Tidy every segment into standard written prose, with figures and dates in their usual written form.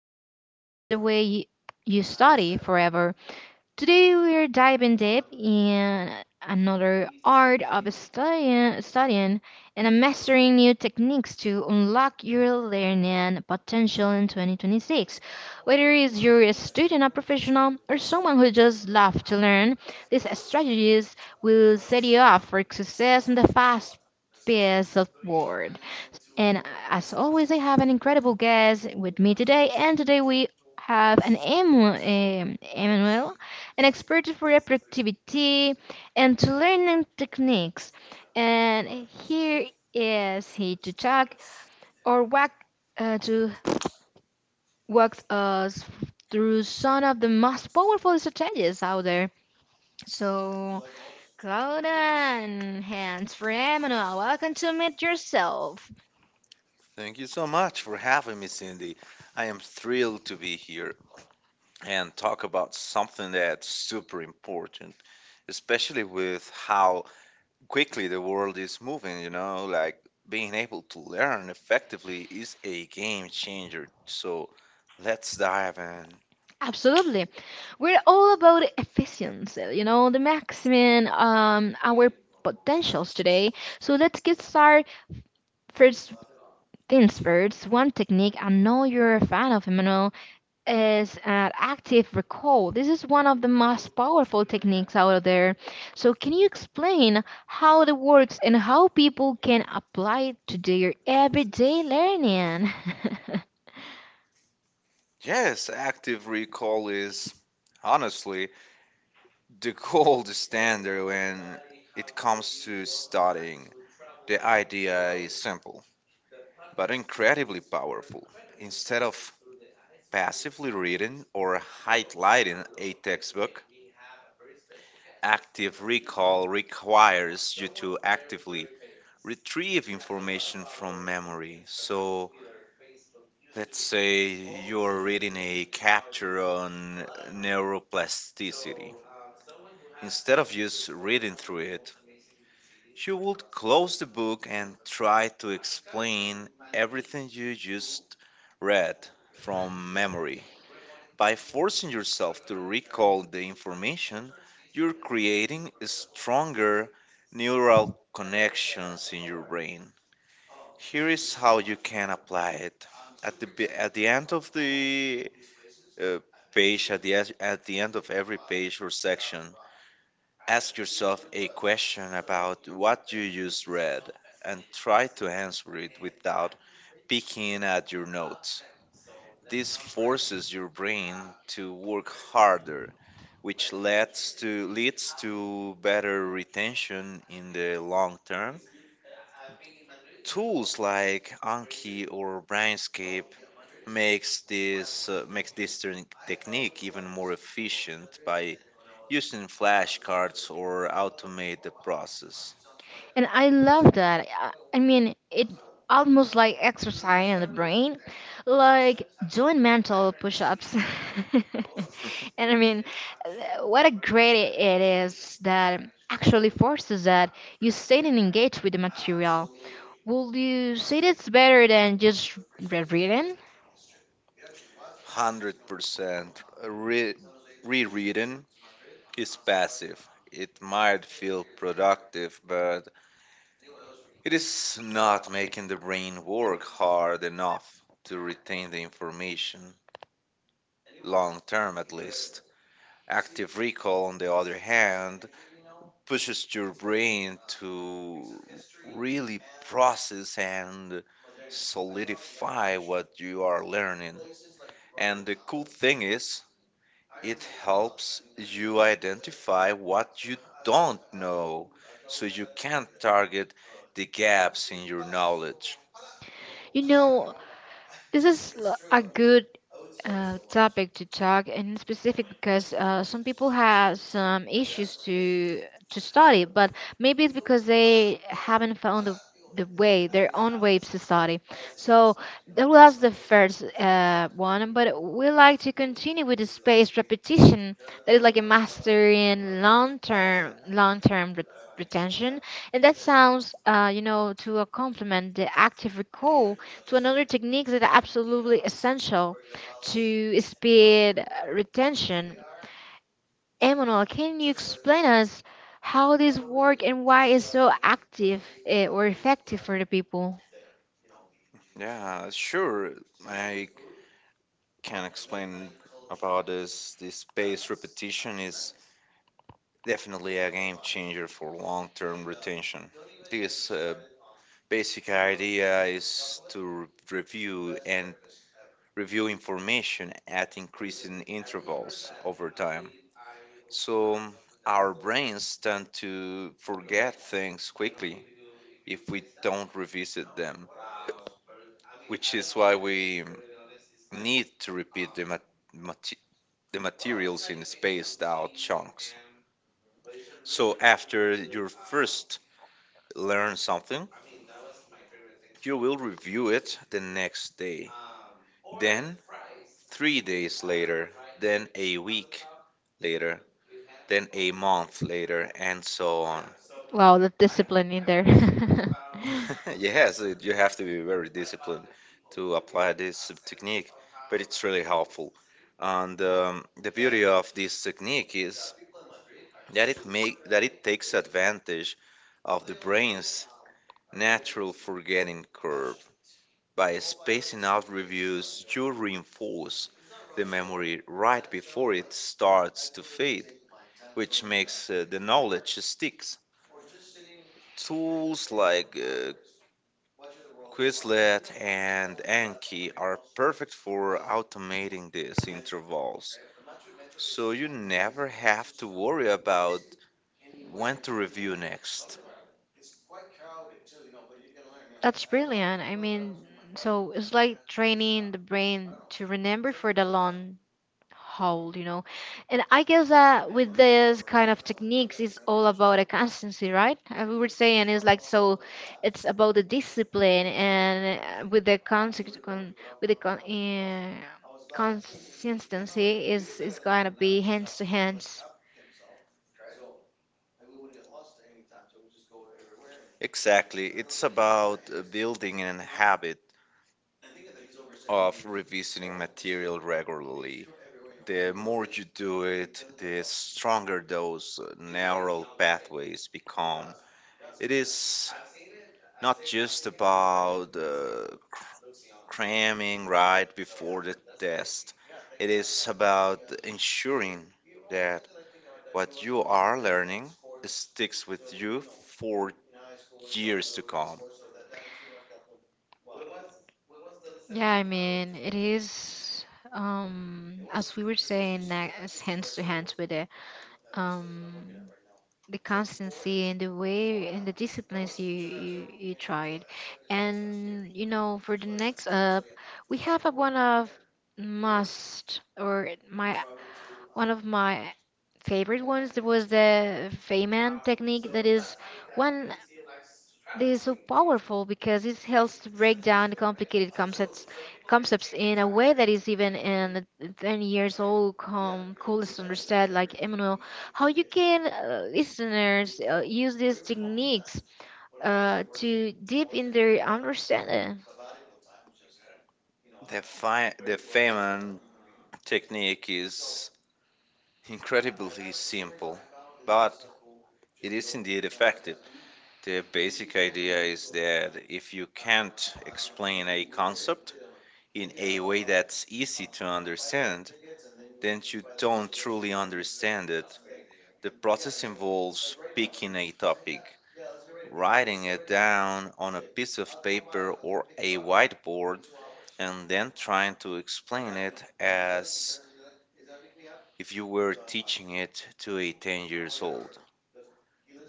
going to change the way you study forever. Today we're diving deep in another art of studying and mastering new techniques to unlock your learning potential in 2026. Whether it's you're a student, a professional, or someone who just loves to learn, these strategies will set you up for success in the fast paced of world. And as always, I have an incredible guest with me today. And today we have Emmanuel, an expert for reproductivity and to learning techniques. And here is he to talk or uh, to walk us through some of the most powerful strategies out there. So, Claudia and hands for Emmanuel, welcome to Meet Yourself. Thank you so much for having me, Cindy. I am thrilled to be here and talk about something that's super important, especially with how quickly the world is moving, like being able to learn effectively is a game changer. So let's dive in. Absolutely. We're all about efficiency, you know, the maximum our potentials today. So let's get started. First things first, one technique I know you're a fan of, Emmanuel, is active recall. This is one of the most powerful techniques out there. So can you explain how it works and how people can apply it to their everyday learning? Yes, active recall is honestly the gold standard when it comes to studying. The idea is simple but incredibly powerful. Instead of passively reading or highlighting a textbook, active recall requires you to actively retrieve information from memory. So, let's say you're reading a chapter on neuroplasticity. Instead of just reading through it, you would close the book and try to explain everything you just read from memory. By forcing yourself to recall the information, you're creating stronger neural connections in your brain. Here is how you can apply it. At the end of the uh, page, at the end of every page or section, ask yourself a question about what you just read and try to answer it without peeking at your notes. This forces your brain to work harder, which leads to better retention in the long term. Tools like Anki or Brainscape makes this technique even more efficient by using flashcards or automate the process. And I love that. I mean, it almost like exercise in the brain, like doing mental push-ups. And I mean, what a great it is that actually forces that you stay and engage with the material. Will you say that's better than just reading? 100% re- rereading is passive. It might feel productive, but it is not making the brain work hard enough to retain the information, long term at least. Active recall, on the other hand, pushes your brain to really process and solidify what you are learning. And the cool thing is, it helps you identify what you don't know so you can target the gaps in your knowledge. You know, this is a good topic to talk and in specific because some people have some issues to study, but maybe it's because they haven't found the way their own way to study. So that was the first one, but we like to continue with the spaced repetition that is like a master in long-term retention, and that sounds you know, to a complement the active recall to another technique that are absolutely essential to speed retention. Emmanuel, can you explain us how this work and why it's so active eh, or effective for the people? Yeah, sure. I can explain about this. This space repetition is definitely a game changer for long-term retention. This basic idea is to review and review information at increasing intervals over time. So our brains tend to forget things quickly if we don't revisit them, which is why we need to repeat them at the materials in spaced out chunks. So after you first learn something, you will review it the next day, then 3 days later, then a week later, then a month later, and so on. Wow, the discipline in there. Yes, it- you have to be very disciplined to apply this technique, but it's really helpful. And the beauty of this technique is that it takes advantage of the brain's natural forgetting curve. By spacing out reviews, you reinforce the memory right before it starts to fade, which makes the knowledge sticks. Tools like Quizlet and Anki are perfect for automating these intervals, so you never have to worry about when to review next. That's brilliant. I mean, so it's like training the brain to remember for the long hold, you know. And I guess that with this kind of techniques it's all about a constancy, right? We were saying it's like so it's about the discipline and with the with the con- uh, consistency is gonna be hands to hands. Exactly, it's about building a habit of revisiting material regularly. The more you do it, the stronger those neural pathways become. It is not just about cr- cramming right before the test, it is about ensuring that what you are learning sticks with you for years to come. Yeah, I mean it is as we were saying as hands to hands with um the constancy and the way and the disciplines you you tried. And you know, for the next up we have one of must or my one of my favorite ones. There was the Feynman technique that is one. This is so powerful because it helps to break down the complicated concepts concepts in a way that is even in a 10 years old com coolest understood. Like Emmanuel, how you can listeners use these techniques to deep in their understanding. The Feynman technique is incredibly simple, but it is indeed effective. The basic idea is that if you can't explain a concept in a way that's easy to understand, then you don't truly understand it. The process involves picking a topic, writing it down on a piece of paper or a whiteboard, and then trying to explain it as if you were teaching it to a 10 years old.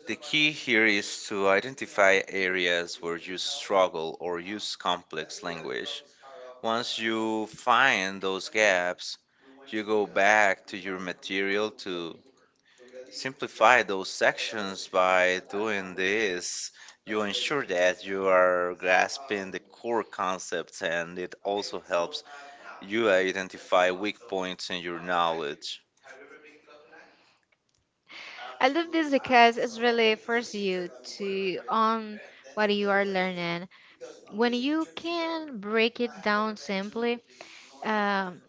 The key here is to identify areas where you struggle or use complex language. Once you find those gaps, you go back to your material to simplify those sections by doing this. You ensure that you are grasping the core concepts, and it also helps you identify weak points in your knowledge. I love this because it really forces you to own what you are learning. When you can break it down simply, um,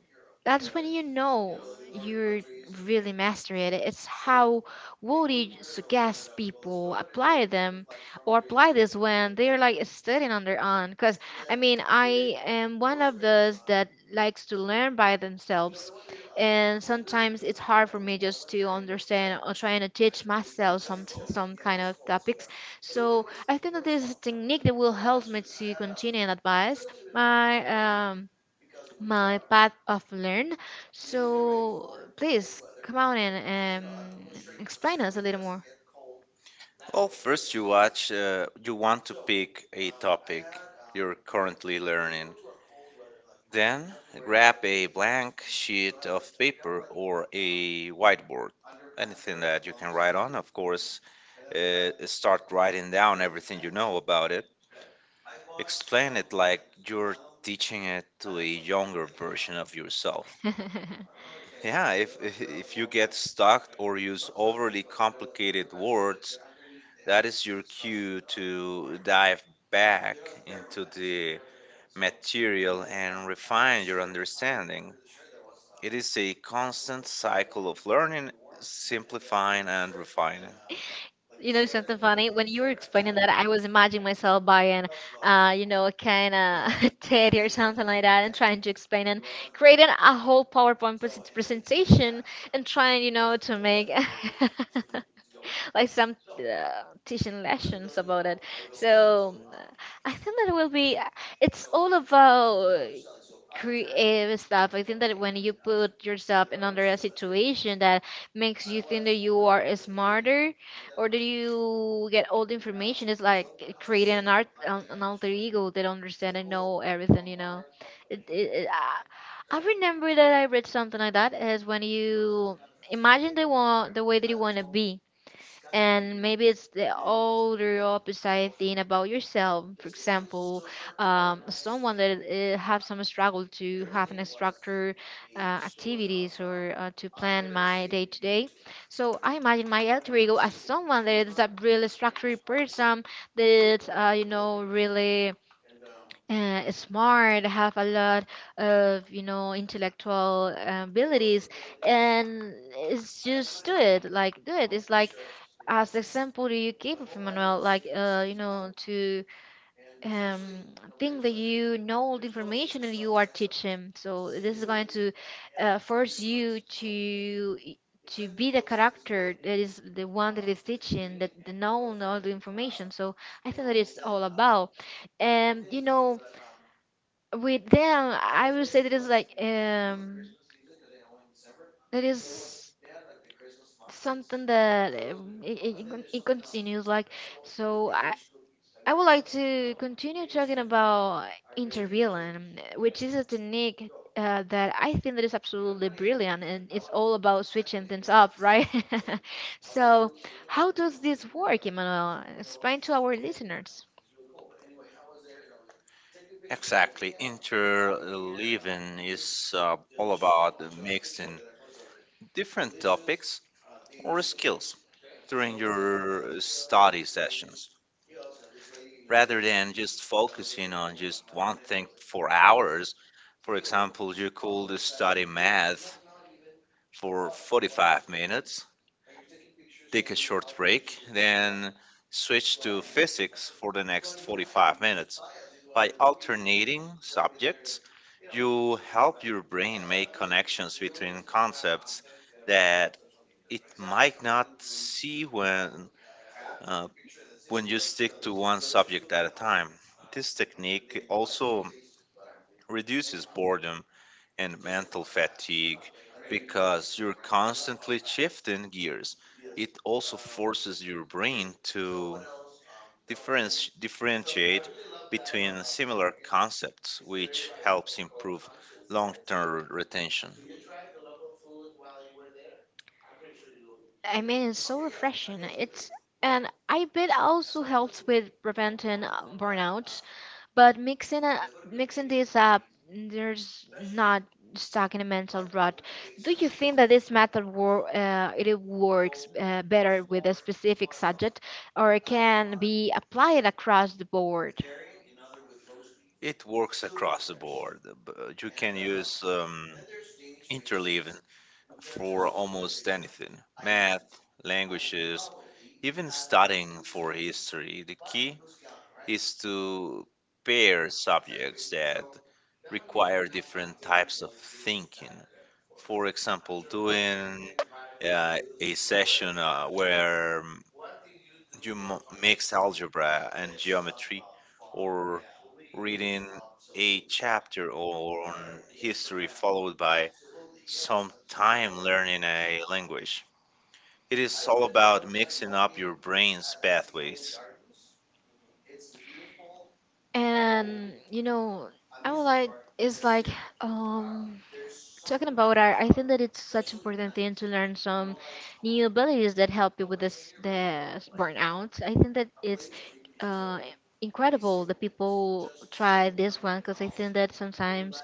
that's when you know you're really mastering it. It's how Woody suggests people apply them or apply this when they're like studying on their own. Because I mean, I am one of those that likes to learn by themselves, and sometimes it's hard for me just to understand or trying to teach myself some kind of topics. So I think that this is a technique that will help me to continue and advise my um my path of learn. So please come on and explain us a little more. Well, first you want to pick a topic you're currently learning. Then grab a blank sheet of paper or a whiteboard, anything that you can write on, of course. Start writing down everything you know about it. Explain it like you're teaching it to a younger version of yourself. Yeah, if if you get stuck or use overly complicated words, that is your cue to dive back into the material and refine your understanding. It is a constant cycle of learning, simplifying, and refining. You know something funny? When you were explaining that, I was imagining myself buying, you know, a kind of teddy or something like that, and trying to explain and creating a whole PowerPoint presentation and trying, you know, to make like some teaching lessons about it. So I think that will be. It's all about creative stuff. I think that when you put yourself in under a situation that makes you think that you are smarter or that you get all the information, it's like creating an art an alter ego that understand and know everything. You know, I remember that I read something like that as when you imagine the one the way that you want to be, and maybe it's the older opposite thing about yourself. For example, someone that have some struggle to have an structure activities or to plan my day to day. So I imagine my alter ego as someone that is a really structured person that you know really smart, have a lot of, you know, intellectual abilities. And it's just do it, like do it. It's like as the example that you gave of Emmanuel, like you know, to um, think that you know all the information that you are teaching. So this is going to force you to to be the character that is the one that is teaching, that, the known all the information. So I think that it's all about. And you know, with them, I would say that it's like that is something that it continues like. So I would like to continue talking about interviewing, which is a technique that I think that is absolutely brilliant, and it's all about switching things up, right? So, how does this work, Emmanuel? Explain to our listeners. Exactly. Interleaving is all about mixing different topics or skills during your study sessions, rather than just focusing on just one thing for hours. For example, you could study math for 45 minutes, take a short break, then switch to physics for the next 45 minutes. By alternating subjects, you help your brain make connections between concepts that it might not see uh, when you stick to one subject at a time. This technique also reduces boredom and mental fatigue because you're constantly shifting gears. It also forces your brain to differentiate between similar concepts, which helps improve long term retention. I mean, it's so refreshing. It's and I bet also helps with preventing burnout. But mixing this up, there's not stuck in a mental rut. Do you think that this method it works better with a specific subject, or it can be applied across the board? It works across the board, but you can use interleaving for almost anything: math, languages, even studying for history. The key is to pair subjects that require different types of thinking. For example, doing a session you mix algebra and geometry, or reading a chapter on history followed by some time learning a language. It is all about mixing up your brain's pathways. And you know, I would like it's like um talking about art. I think that it's such important thing to learn some new abilities that help you with this the burnout. I think that it's uh, incredible that people try this one because I think that sometimes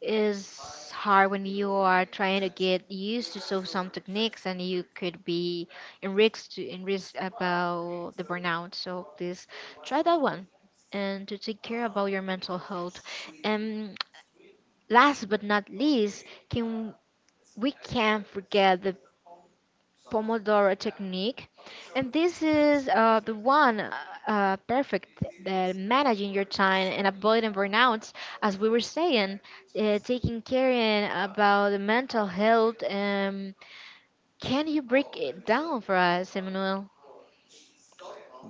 is hard when you are trying to get used to so some techniques, and you could be in risk to in risk about the burnout. So please try that one and to take care about your mental health. And last but not least, can we can't forget the Pomodoro technique, and this is the one perfect that managing your time and avoiding burnouts, as we were saying, taking care in about the mental health. Can you break it down for us, Emmanuel?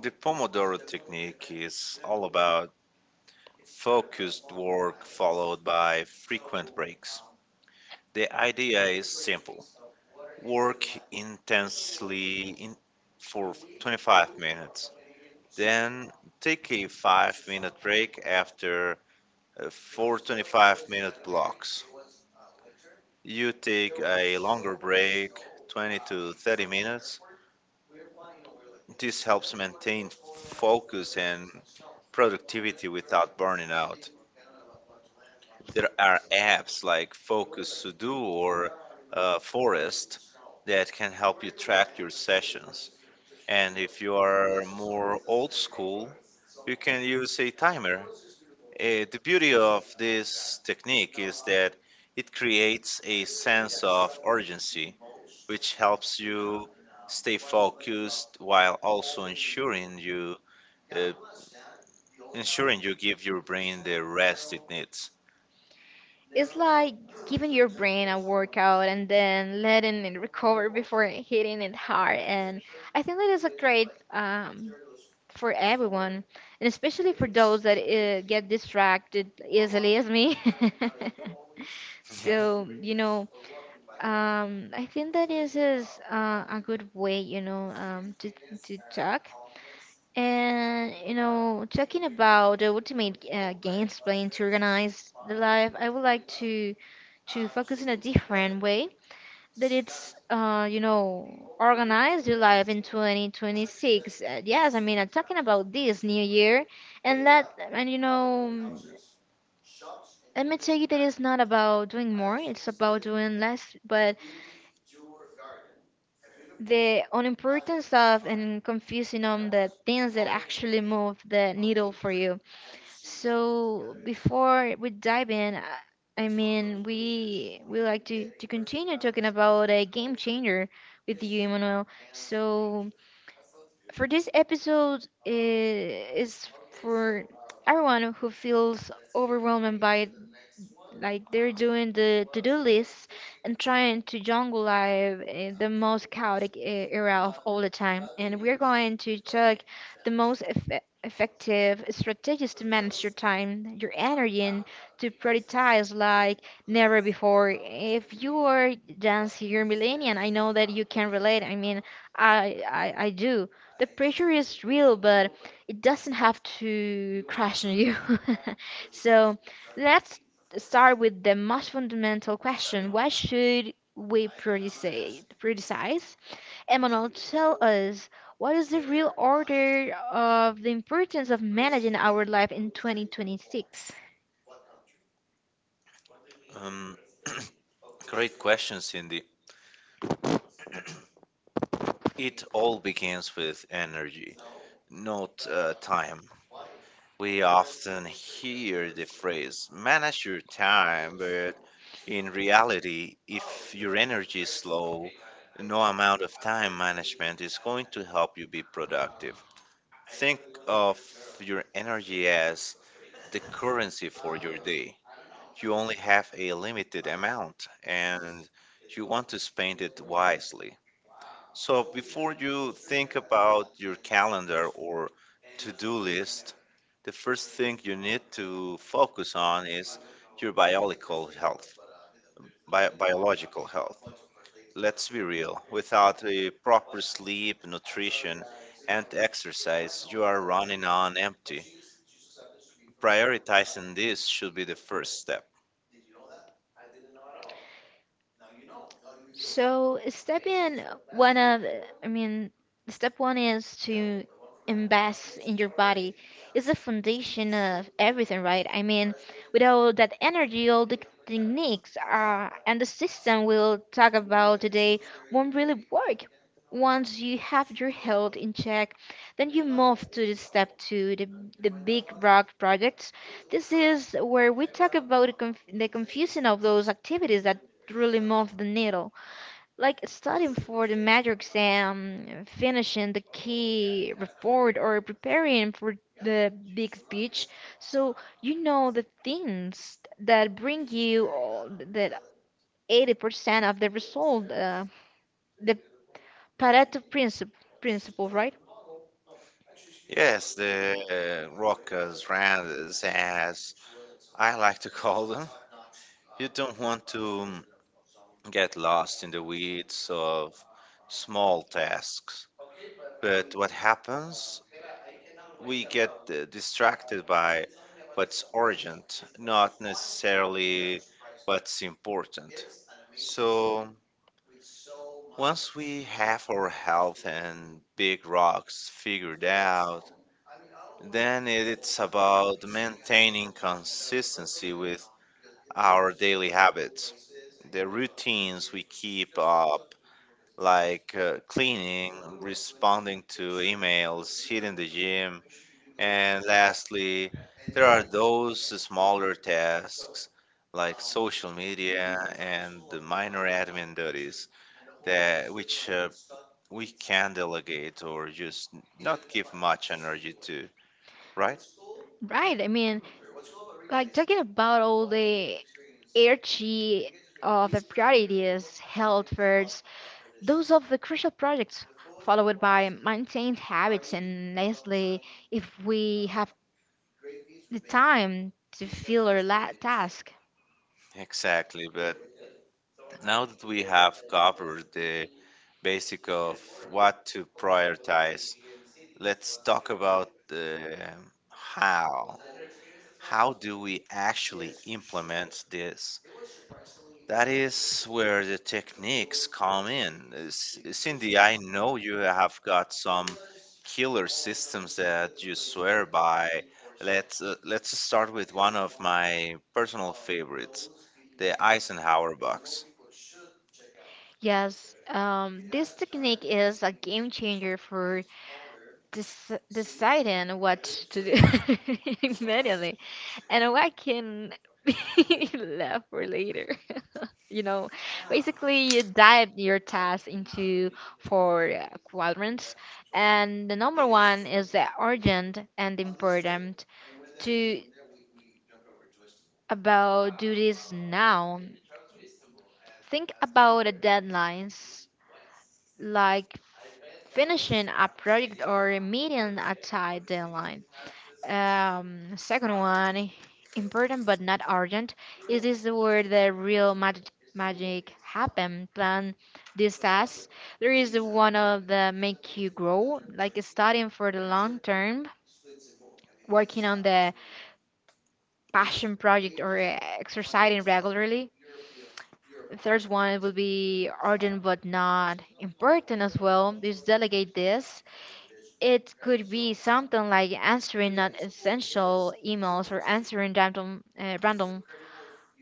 The Pomodoro technique is all about focused work followed by frequent breaks. The idea is simple: work intensely in, for 25 minutes, then take a 5-minute break. After four 25-minute blocks, you take a longer break, 20 to 30 minutes. This helps maintain focus and productivity without burning out. There are apps like Focus to Do or Forest that can help you track your sessions. And if you are more old school, you can use a timer. Eh, the beauty of this technique is that it creates a sense of urgency, which helps you stay focused while also uh, ensuring you give your brain the rest it needs. It's like giving your brain a workout and then letting it recover before hitting it hard. And I think that is a great, for everyone, and especially for those that get distracted easily as me. Yeah. So you know, I think that is a good way, you know, to talk. And you know, talking about the ultimate games playing to organize the life, I would like to focus in a different way that it's you know, organized your life in 2026. Yes, I mean, I'm talking about this new year. And let and you know, let me tell you that it's not about doing more, it's about doing less, but the unimportance of and confusing on the things that actually move the needle for you. So before we dive in, we like to continue talking about a game changer with you, Emmanuel. So for this episode is for everyone who feels overwhelmed by like they're doing the to-do lists and trying to jungle life in the most chaotic era of all the time. And we're going to check the most effective strategies to manage your time, your energy, and to prioritize like never before. If you are dance here millennial, I know that you can relate. I mean, I do. The pressure is real, but it doesn't have to crash on you. So let's start with the most fundamental question: why should we prioritize? Emmanuel, tell us, what is the real order of the importance of managing our life in 2026? Um, Great question, Cindy. It all begins with energy, not time. We often hear the phrase manage your time, but in reality, if your energy is low, no amount of time management is going to help you be productive. Think of your energy as the currency for your day. You only have a limited amount and you want to spend it wisely. So before you think about your calendar or to-do list, the first thing you need to focus on is your biological health. Biological health. Let's be real. Without a proper sleep, nutrition, and exercise, you are running on empty. Prioritizing this should be the first step. So step in one of, I mean, step one is to invest in your body. It's the foundation of everything, right? I mean, without that energy, all the techniques and the system we'll talk about today won't really work. Once you have your health in check, then you move to the step two, the big rock projects. This is where we talk about the confusion of those activities that really move the needle, like studying for the major exam, finishing the key report, or preparing for the big speech. So you know, the things that bring you all that 80% of the result, the Pareto principle, right? Yes, the rockers, randas, as I like to call them. You don't want to get lost in the weeds of small tasks. But what happens? We get distracted by what's urgent, not necessarily what's important. So, once we have our health and big rocks figured out, then it's about maintaining consistency with our daily habits, the routines we keep up, like cleaning, responding to emails, hitting the gym, and lastly, there are those smaller tasks like social media and the minor admin duties that which we can delegate or just not give much energy to, right? Right. I mean, like talking about all the hierarchy of the priorities, health first, those of the crucial projects followed by maintained habits, and lastly, if we have the time to fill our task. Exactly, but now that we have covered the basic of what to prioritize, let's talk about how. How do we actually implement this? That is where the techniques come in. Cindy, I know you have got some killer systems that you swear by. Let's start with one of my personal favorites, the Eisenhower box. Yes, this technique is a game changer for deciding what to do immediately and what can be left for later. You know, basically you dive your task into four quadrants, and the number one is the urgent and important. To about do this now, think about the deadlines, like finishing a project or meeting a tight deadline. Second one, important but not urgent. It is where the real magic happen. Plan these tasks. There is the one of the make you grow, like studying for the long term, working on the passion project or exercising regularly. Third one, it would be urgent but not important as well. Just delegate this. It could be something like answering non-essential emails or answering random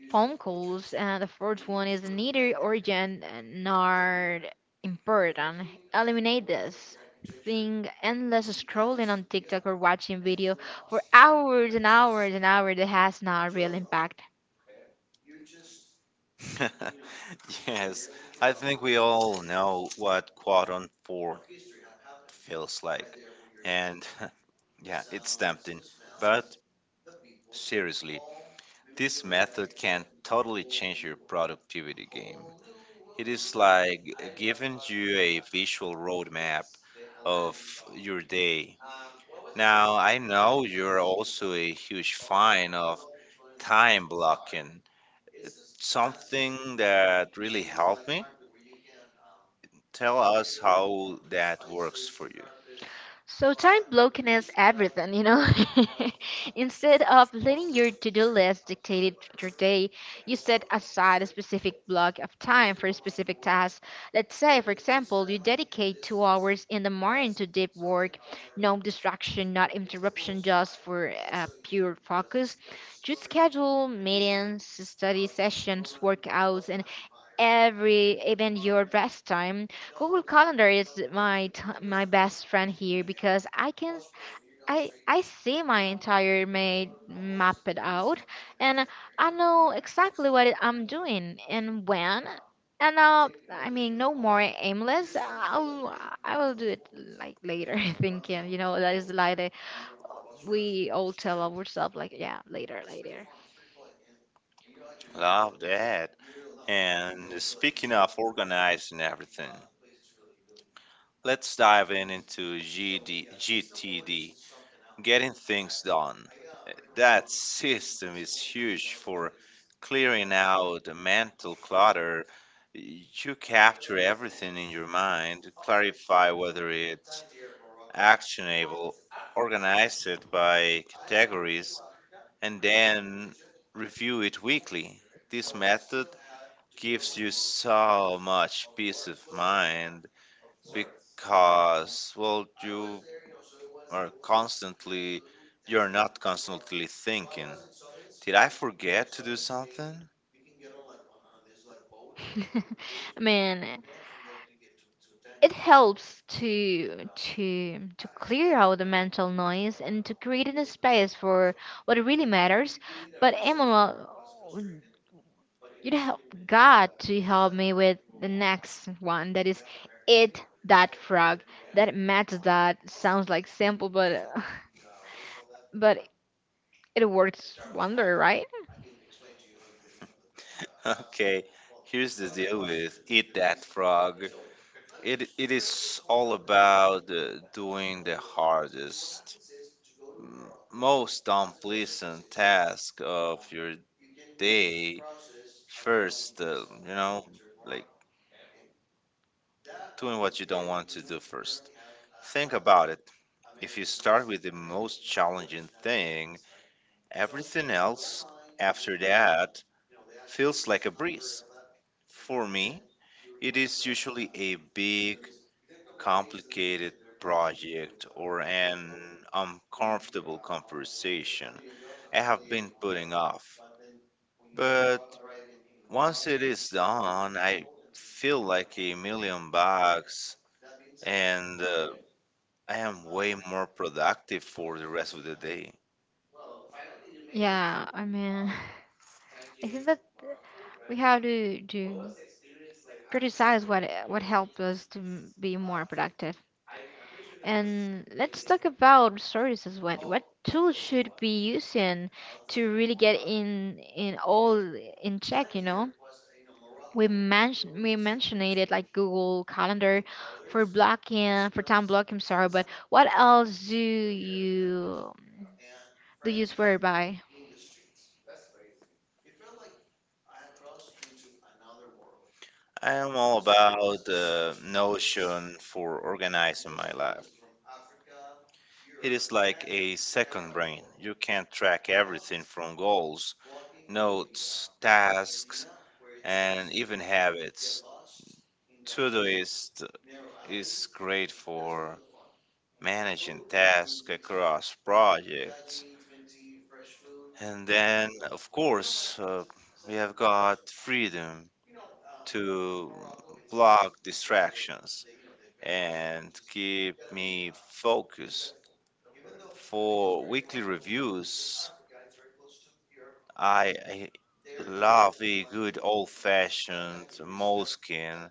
phone calls. And the fourth one is neither urgent nor important. Eliminate this thing. Endless scrolling on TikTok or watching video for hours and hours and hours that has not a real impact. Yes, I think we all know what quadrant four feels like. And yeah, it's tempting. But seriously, this method can totally change your productivity game. It is like giving you a visual roadmap of your day. Now, I know you're also a huge fan of time blocking. It's something that really helped me. Tell us how that works for you. So time blocking is everything, you know. Instead of letting your to-do list dictate your day, you set aside a specific block of time for a specific task. Let's say, for example, you dedicate 2 hours in the morning to deep work, no distraction, not interruption, just for pure focus. You schedule meetings, study sessions, workouts, and every even your rest time. Google Calendar is my best friend here because I can s- I see my entire made, map it out, and I know exactly what I'm doing and when. And no more aimless I will do it like later, thinking, you know, that is like we all tell ourselves like yeah, later, later. Love that. And speaking of organizing everything, let's dive in into GTD, getting things done. That system is huge for clearing out the mental clutter. You capture everything in your mind, clarify whether it's actionable, organize it by categories, and then review it weekly. This method gives you so much peace of mind because, well, are constantly, you're not constantly thinking, did I forget to do something? I mean, it helps to clear out the mental noise and to create a space for what really matters. But Emma, you'd help God to help me with the next one, that is it, that frog that matters, that sounds like simple, but but it works wonder, right? Okay, here's the deal with Eat That Frog. It is all about doing the hardest, m- most unpleasant task of your day first, like doing what you don't want to do first. Think about it. If you start with the most challenging thing, everything else after that feels like a breeze. For me, it is usually a big, complicated project or an uncomfortable conversation I have been putting off. But once it is done, I feel like a million bucks and I am way more productive for the rest of the day. Yeah, I mean, I think that we have to criticize what helped us to be more productive. And let's talk about services. What tools should be using to really get in all in check? You know, we mentioned it like Google Calendar for blocking, for time blocking. Sorry, but what else do you swear by? I am all about the notion for organizing my life. It is like a second brain. You can track everything from goals, notes, tasks, and even habits. Todoist is great for managing tasks across projects. And then, of course, we have got freedom to block distractions and keep me focused. For weekly reviews, I love a good old fashioned moleskin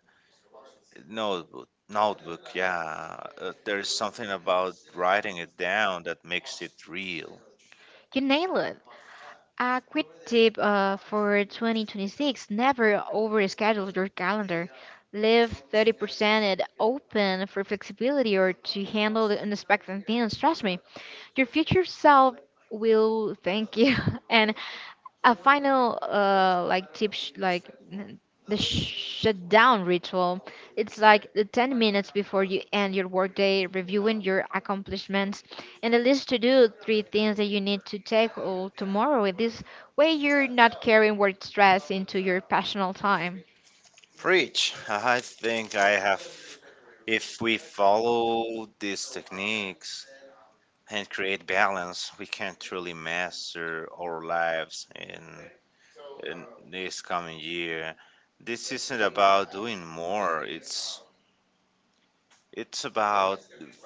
notebook. Notebook, yeah. There is something about writing it down that makes it real. You nail it. A quick tip for 2026, never overschedule your calendar. Leave 30% it open for flexibility or to handle the unexpected things. Trust me, your future self will thank you. And a final tip, the shutdown ritual. It's like the 10 minutes before you end your workday, reviewing your accomplishments and a list to do three things that you need to tackle tomorrow. In this way, you're not carrying work stress into your personal time. Preach. I think I have. If we follow these techniques and create balance, we can truly master our lives in this coming year. This isn't about doing more, it's about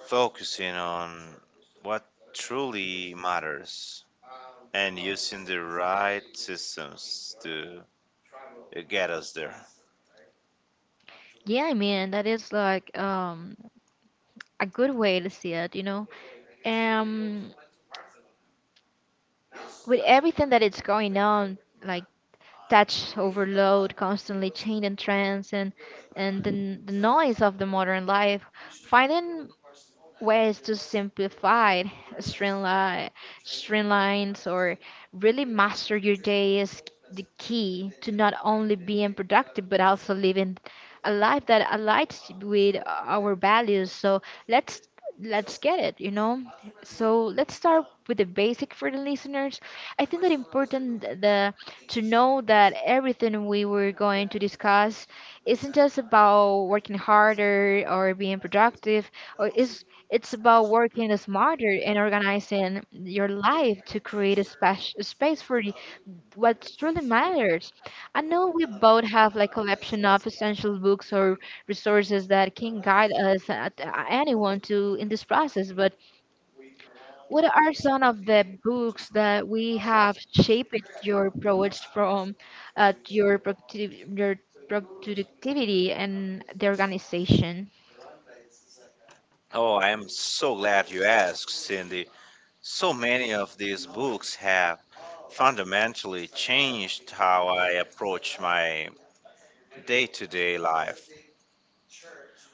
focusing on what truly matters and using the right systems to get us there. Yeah, I mean, that is like a good way to see it, you know. um with everything that it's going on, like touch overload, constantly changing trends, and the noise of the modern life, finding ways to simplify, streamline streamlines or really master your day, is the key to not only being productive but also living a life that aligns with our values. So let's let's get it, you know. So let's start with the basic for the listeners. I think that important the to know that everything we were going to discuss isn't just about working harder or being productive, or it's about working smarter and organizing your life to create a space for what truly matters. I know we both have like collection of essential books or resources that can guide us at anyone to in this process. But what are some of the books that we have shaped your approach from your your productivity and the organization? Oh, I am so glad you asked, Cindy. So many of these books have fundamentally changed how I approach my day to day life.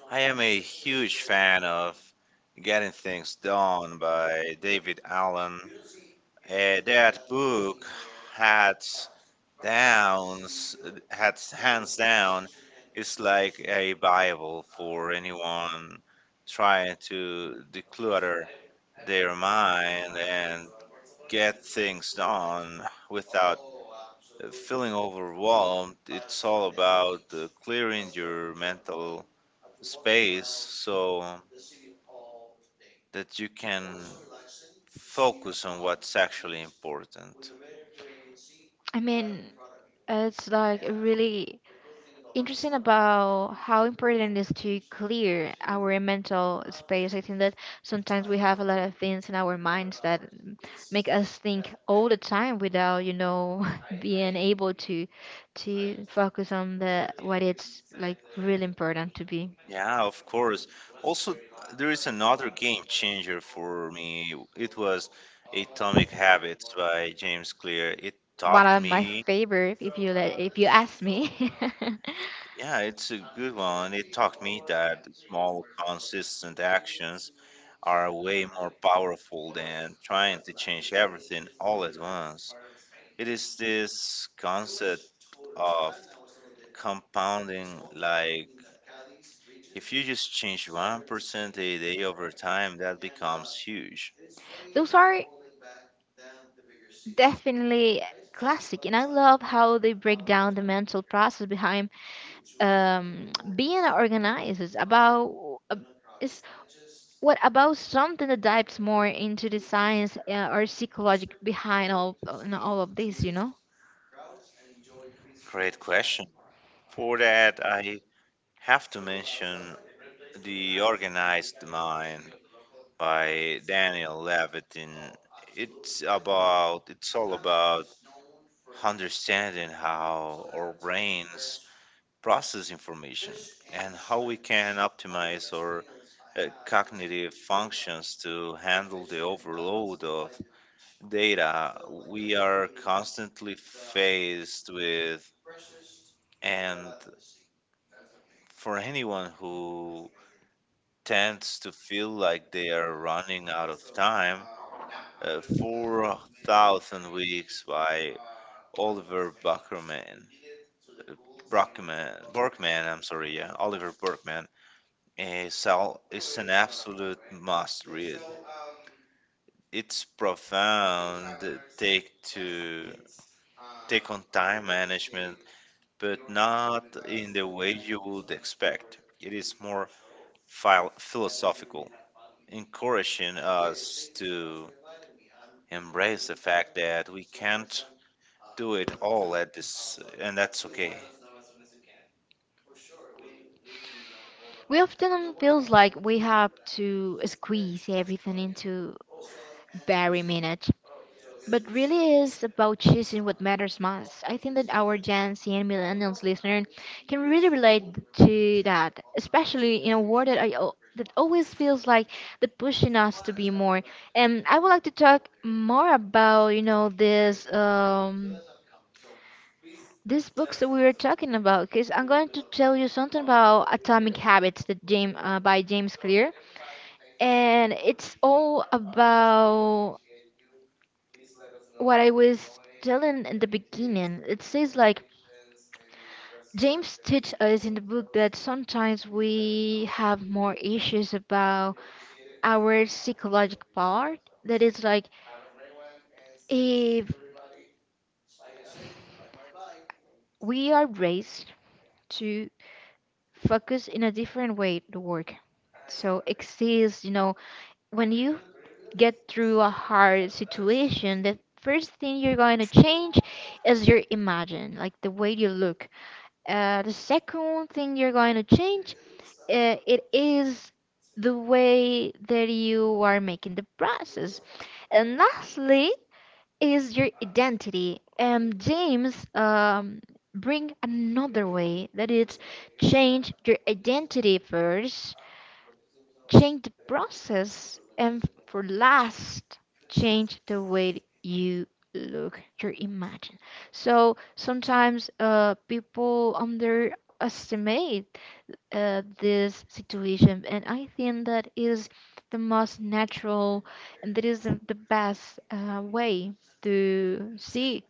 I am a huge fan of Getting Things Done by David Allen. That book had downs, had hands down, is like a Bible for anyone trying to declutter their mind and get things done without feeling overwhelmed. It's all about clearing your mental space so that you can focus on what's actually important. I mean, it's like really interesting about how important it is to clear our mental space. I think that sometimes we have a lot of things in our minds that make us think all the time without, you know, being able to focus on the what it's like really important to be. Yeah, of course. Also, there is another game changer for me. It was Atomic Habits by James Clear. It One taught of my me. favorite, if you ask me. Yeah, it's a good one. It taught me that small, consistent actions are way more powerful than trying to change everything all at once. It is this concept of compounding, like if you just change 1% a day over time, that becomes huge. Those are definitely classic, and I love how they break down the mental process behind um being organized is about is what about something that dives more into the science or psychology behind all, you know, all of this, you know. Great question. For that, I have to mention The Organized Mind by Daniel Levitin. It's all about understanding how our brains process information and how we can optimize our cognitive functions to handle the overload of data we are constantly faced with, and for anyone who tends to feel like they are running out of time. 4,000 Weeks by Oliver Buckerman. Brockman, Borkman, I'm sorry, yeah, Oliver Borkman is an absolute must read. It's profound take to take on time management, but not in the way you would expect. It is more philosophical, encouraging us to embrace the fact that we can't do it all at this, and that's okay. We often feels like we have to squeeze everything into very minute. But really is about choosing what matters most. I think that our Gen Z and Millennials listener can really relate to that, especially in a world that that always feels like they're pushing us to be more. And I would like to talk more about, you know, this these books that we were talking about, because I'm going to tell you something about Atomic Habits, that James by James Clear, and it's all about what I was telling in the beginning. It says like James teach us in the book that sometimes we have more issues about our psychological part. That is like, if we are raised to focus in a different way the work. So exists, you know, when you get through a hard situation, the first thing you're going to change is your imagine, like the way you look. The second thing you're going to change, it is the way that you are making the process, and lastly is your identity. James bring another way that it's change your identity first, change the process, and for last, change the way you look, your imagine. So sometimes people underestimate this situation, and I think that is the most natural, and that is the best way to see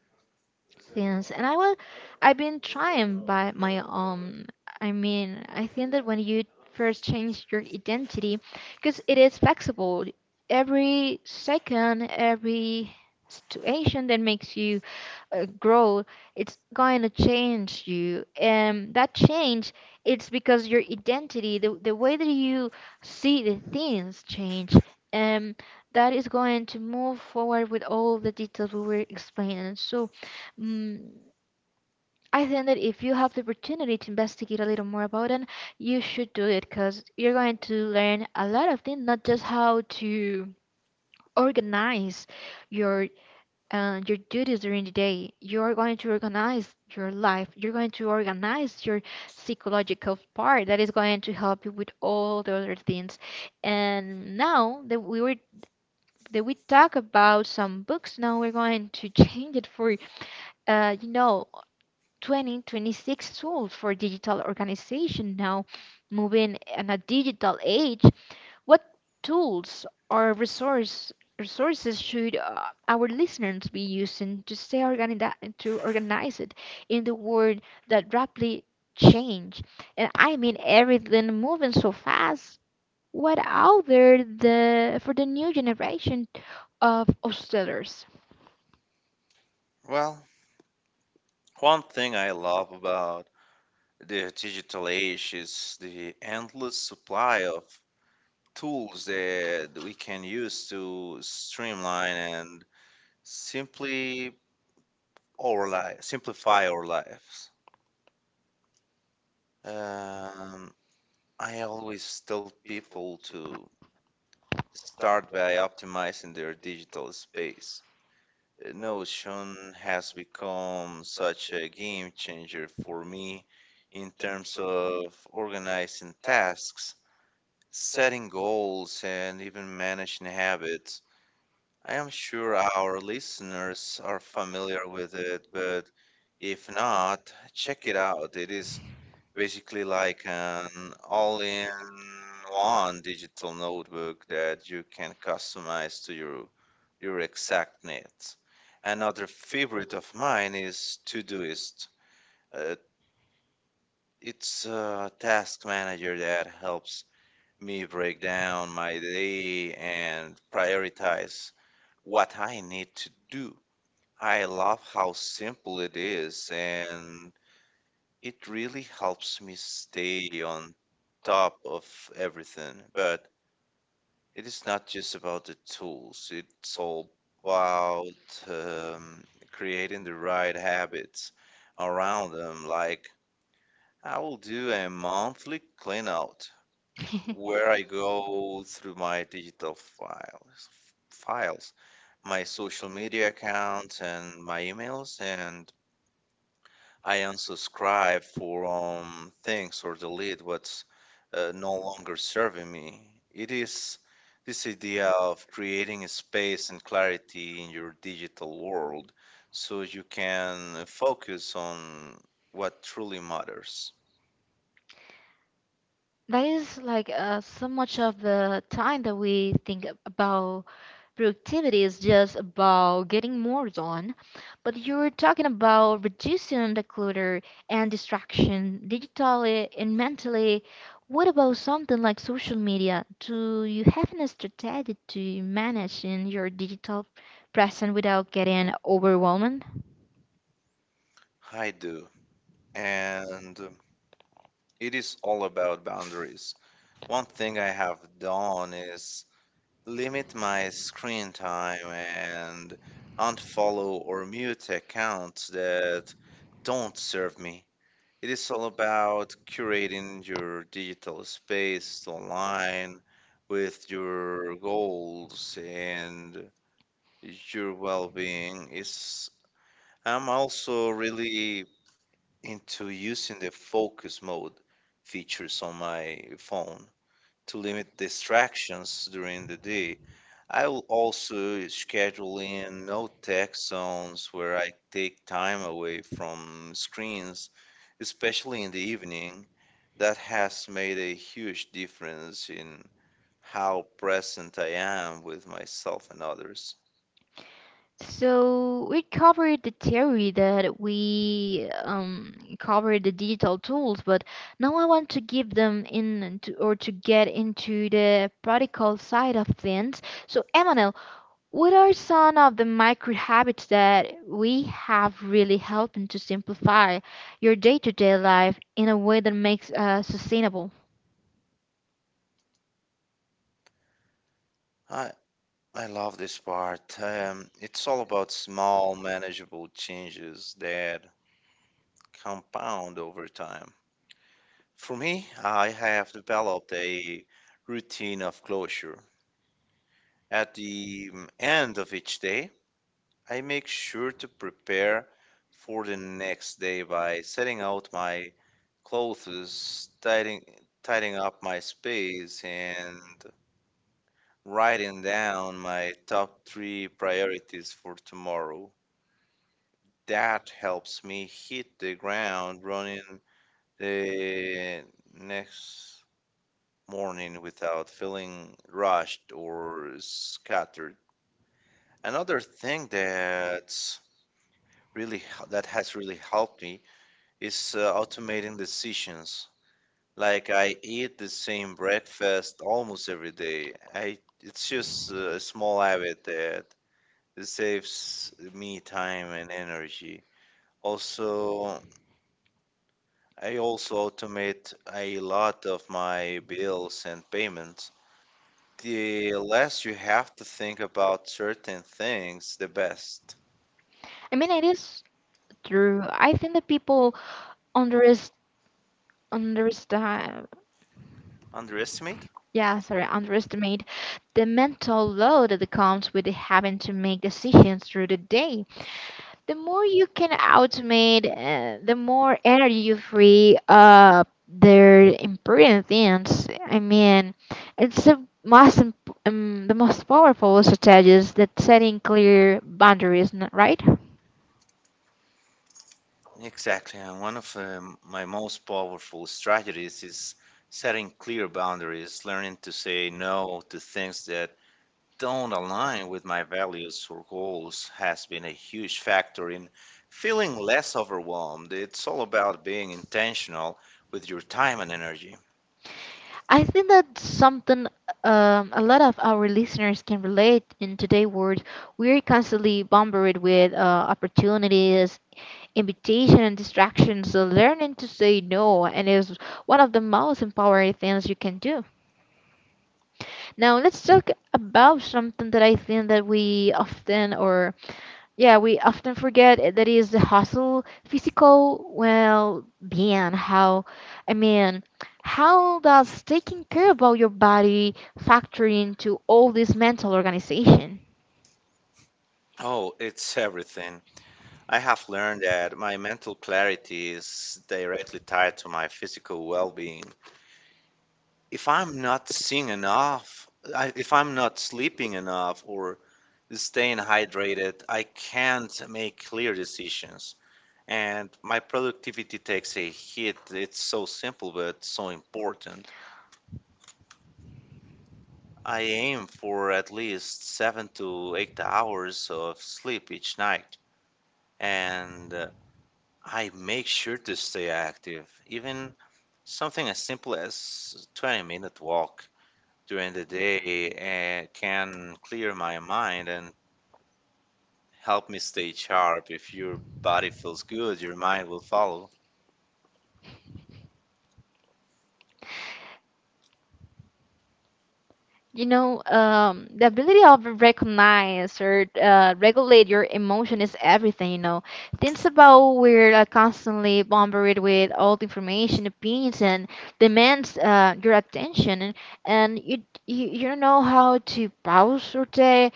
things. And I will. I've been trying by my I mean, I think that when you first change your identity, because it is flexible, every second, every situation that makes you grow, it's going to change you, and that change, it's because your identity, the way that you see the things change, and that is going to move forward with all the details we were explaining. So mm I think that if you have the opportunity to investigate a little more about it, you should do it, because you're going to learn a lot of things, not just how to organize your your duties during the day. You're going to organize your life. You're going to organize your psychological part, that is going to help you with all the other things. And now that we were that we talk about some books, now we're going to change it for uh, you know 2026 tools for digital organization. Now moving in a digital age, what tools or resources should our listeners be using to stay organized, to organize it in the world that rapidly change? And I mean, everything moving so fast. What out there the for the new generation of hostelers? Well, one thing I love about the digital age is the endless supply of tools that we can use to streamline and simply simplify our lives. Um, I always tell people to start by optimizing their digital space. Notion has become such a game changer for me in terms of organizing tasks, setting goals, and even managing habits. I am sure our listeners are familiar with it, but if not, check it out. It is basically like an all-in-one digital notebook that you can customize to your exact needs. Another favorite of mine is Todoist. Uh, it's a task manager that helps me break down my day and prioritize what I need to do. I love how simple it is, and it really helps me stay on top of everything. But it is not just about the tools, it's all about um, creating the right habits around them. Like, I will do a monthly clean out where I go through my digital files, my social media accounts, and my emails, and I unsubscribe for things or delete what's no longer serving me. It is this idea of creating a space and clarity in your digital world so you can focus on what truly matters. That is like, so much of the time that we think about productivity is just about getting more done. But you're talking about reducing the clutter and distraction digitally and mentally. What about something like social media? Do you have a strategy to manage in your digital presence without getting overwhelmed? I do. And it is all about boundaries. One thing I have done is limit my screen time and unfollow or mute accounts that don't serve me. It is all about curating your digital space online with your goals and your well being. Is I'm also really into using the focus mode features on my phone to limit distractions during the day. I will also schedule in no tech zones where I take time away from screens, especially in the evening. That has made a huge difference in how present I am with myself and others. So we covered the theory, that we covered the digital tools, but now I want to give them in into, or to get into the practical side of things. So Emmanuel, what are some of the micro habits that we have really helping to simplify your day-to-day life in a way that makes sustainable? I, I love this part. It's all about small, manageable changes that compound over time. For me, I have developed a routine of closure. At the end of each day, I make sure to prepare for the next day by setting out my clothes, tidying up my space, and writing down my top three priorities for tomorrow. That helps me hit the ground running the next morning without feeling rushed or scattered. Another thing that has really helped me is automating decisions. Like, I eat the same breakfast almost every day. I It's just a small habit that it saves me time and energy. Also, I also automate a lot of my bills and payments. The less you have to think about certain things, the best. I mean, it is true. I think that people underest understand. Underestimate? Yeah, sorry, underestimate the mental load that comes with having to make decisions through the day. The more you can automate, the more energy you free up their important things. I mean, it's the most powerful strategy is that setting clear boundaries, right? Exactly. And one of my most powerful strategies is setting clear boundaries. Learning to say no to things that don't align with my values or goals has been a huge factor in feeling less overwhelmed. It's all about being intentional with your time and energy. I think that's something, a lot of our listeners can relate in today's world. We're constantly bombarded with opportunities, invitation and distractions. So learning to say no and is one of the most empowering things you can do. Now let's talk about something that I think that we often forget, that is the hustle, physical well being. How I mean how does taking care about your body factor into all this mental organization? Oh, it's everything. I have learned that my mental clarity is directly tied to my physical well being. If I'm not seeing enough, if I'm not sleeping enough or staying hydrated, I can't make clear decisions. And my productivity takes a hit. It's so simple, but so important. I aim for at least 7 to 8 hours of sleep each night. And I make sure to stay active. Even something as simple as 20-minute walk during the day can clear my mind and help me stay sharp. If your body feels good, your mind will follow. The ability of recognize or regulate your emotion is everything. Things about we're constantly bombarded with all the information, opinions, and demands your attention, and you don't know how to pause or take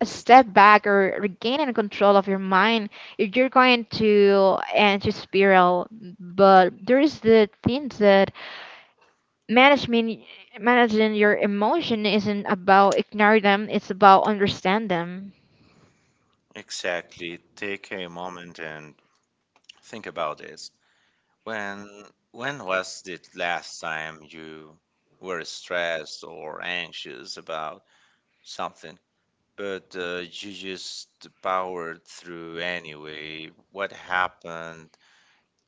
a step back or regain in control of your mind. If you're going to anti spiral, but there is the things that management managing your emotion isn't about ignoring them, it's about understand them. Exactly. Take a moment and think about this. When when was the last time you were stressed or anxious about something, but you just powered through anyway? What happened?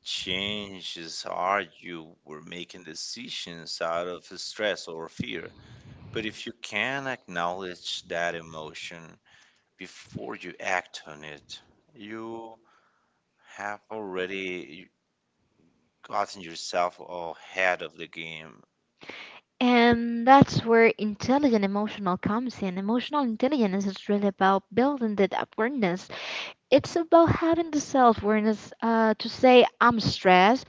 Changes are you were making decisions out of stress or fear. But if you can acknowledge that emotion before you act on it, you have already gotten yourself ahead of the game. And that's where intelligent emotional comes in. Emotional intelligence is really about building that awareness. It's about having the self-awareness to say I'm stressed,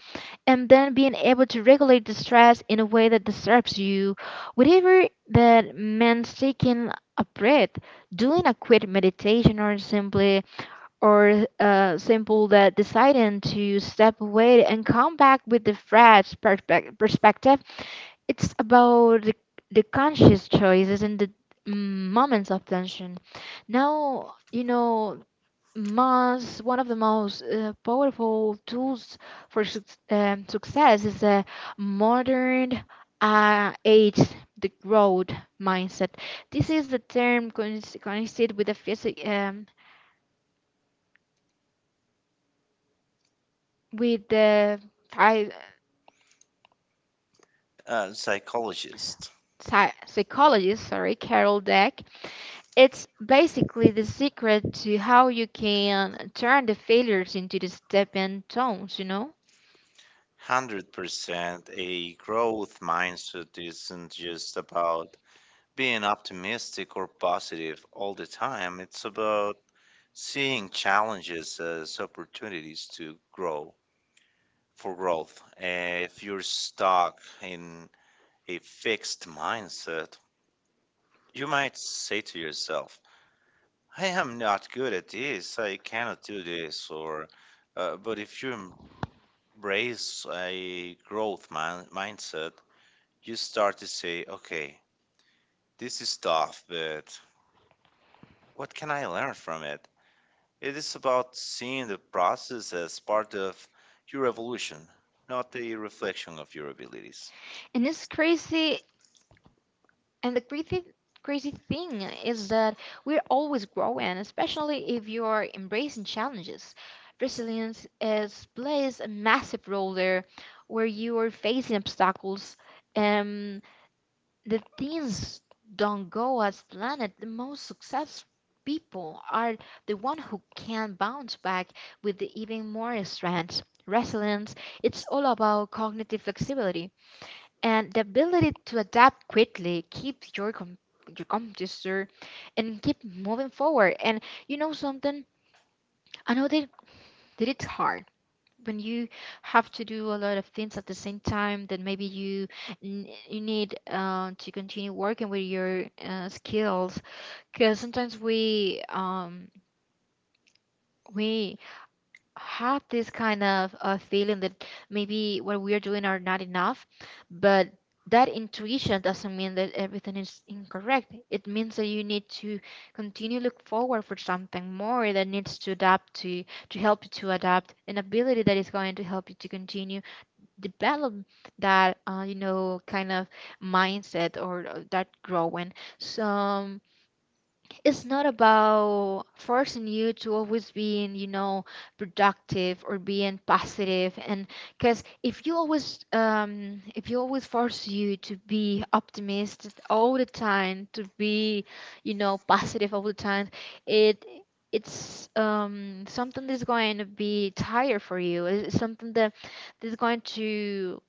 and then being able to regulate the stress in a way that disturbs you, whatever that means: taking a breath, doing a quick meditation, or simply or simple that deciding to step away and come back with the fresh perspective. It's about the conscious choices and the mm, moments of tension. Now, most one of the most powerful tools for success is a modern age: the growth mindset. This is a term coincided with the physic with the Psychologist, psychologist, sorry, Carol Dweck. It's basically the secret to how you can turn the failures into the stepping stones, you know? 100% a growth mindset isn't just about being optimistic or positive all the time. It's about seeing challenges as opportunities to grow for growth. If you're stuck in a fixed mindset, you might say to yourself, I am not good at this, I cannot do this, or but if you embrace a growth mindset, you start to say, okay, this is tough, but what can I learn from it? It is about seeing the process as part of your evolution, not a reflection of your abilities. And it's crazy, and the crazy thing is that we're always growing, especially if you're embracing challenges. Resilience is plays a massive role there. Where you are facing obstacles, um the things don't go as planned, the most successful people are the one who can bounce back with the even more strength. Resilience, it's all about cognitive flexibility and the ability to adapt quickly, keep your composure and keep moving forward. And you know something? I know that it's hard when you have to do a lot of things at the same time. Then maybe you need to continue working with your skills, because sometimes we have this kind of feeling that maybe what we are doing are not enough. But that intuition doesn't mean that everything is incorrect. It means that you need to continue look forward for something more that needs to adapt to help you to adapt an ability that is going to help you to continue develop that, you know, kind of mindset or that growing. So it's not about forcing you to always being, you know, productive or being positive. And because if you always force you to be optimistic all the time, to be, you know, positive all the time, it it's something that's going to be tired for you. It's something that that's going to,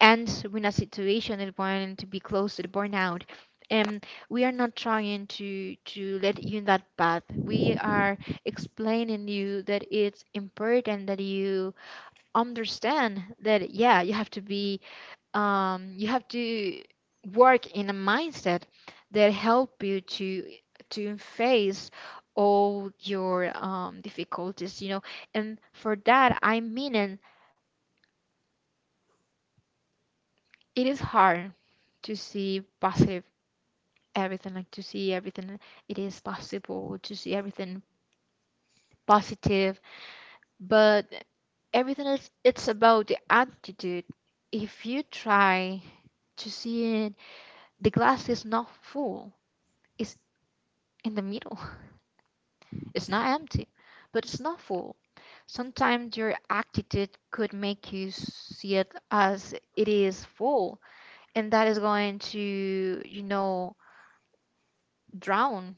and when a situation is going to be close to the burnout, um, we are not trying to let you in that path. We are explaining you that it's important that you understand that, yeah, you have to be you have to work in a mindset that help you to face all your difficulties, you know. And for that, I mean, it is hard to see positive everything, like to see everything. It is possible to see everything positive, but everything else it's about the attitude. If you try to see it, the glass is not full, it's in the middle. It's not empty, but it's not full. Sometimes your attitude could make you see it as it is full, and that is going to, you know, drown.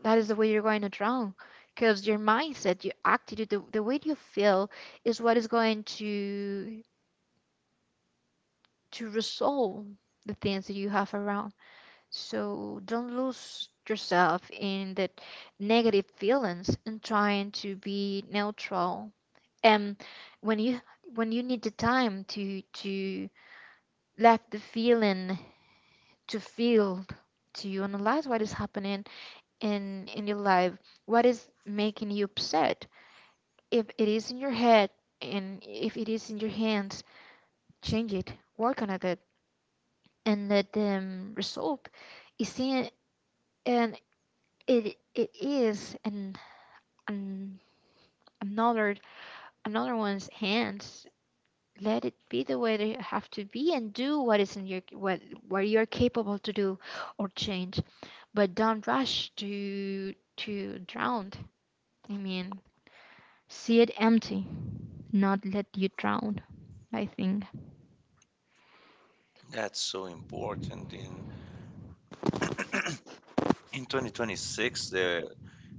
That is the way you're going to drown, because your mindset, your attitude, the way you feel is what is going to resolve the things that you have around. So don't lose yourself in the negative feelings and trying to be neutral. And when you, when you need the time to let the feeling, to feel, to analyze what is happening in your life, what is making you upset. If it is in your head, and if it is in your hands, change it, work on it, and let them result is in, and it is, and an another another one's hands. Let it be the way they have to be, and do what is in your what you're capable to do or change. But don't rush to drown. I mean, see it empty, not let you drown, I think. That's so important. In 2026, the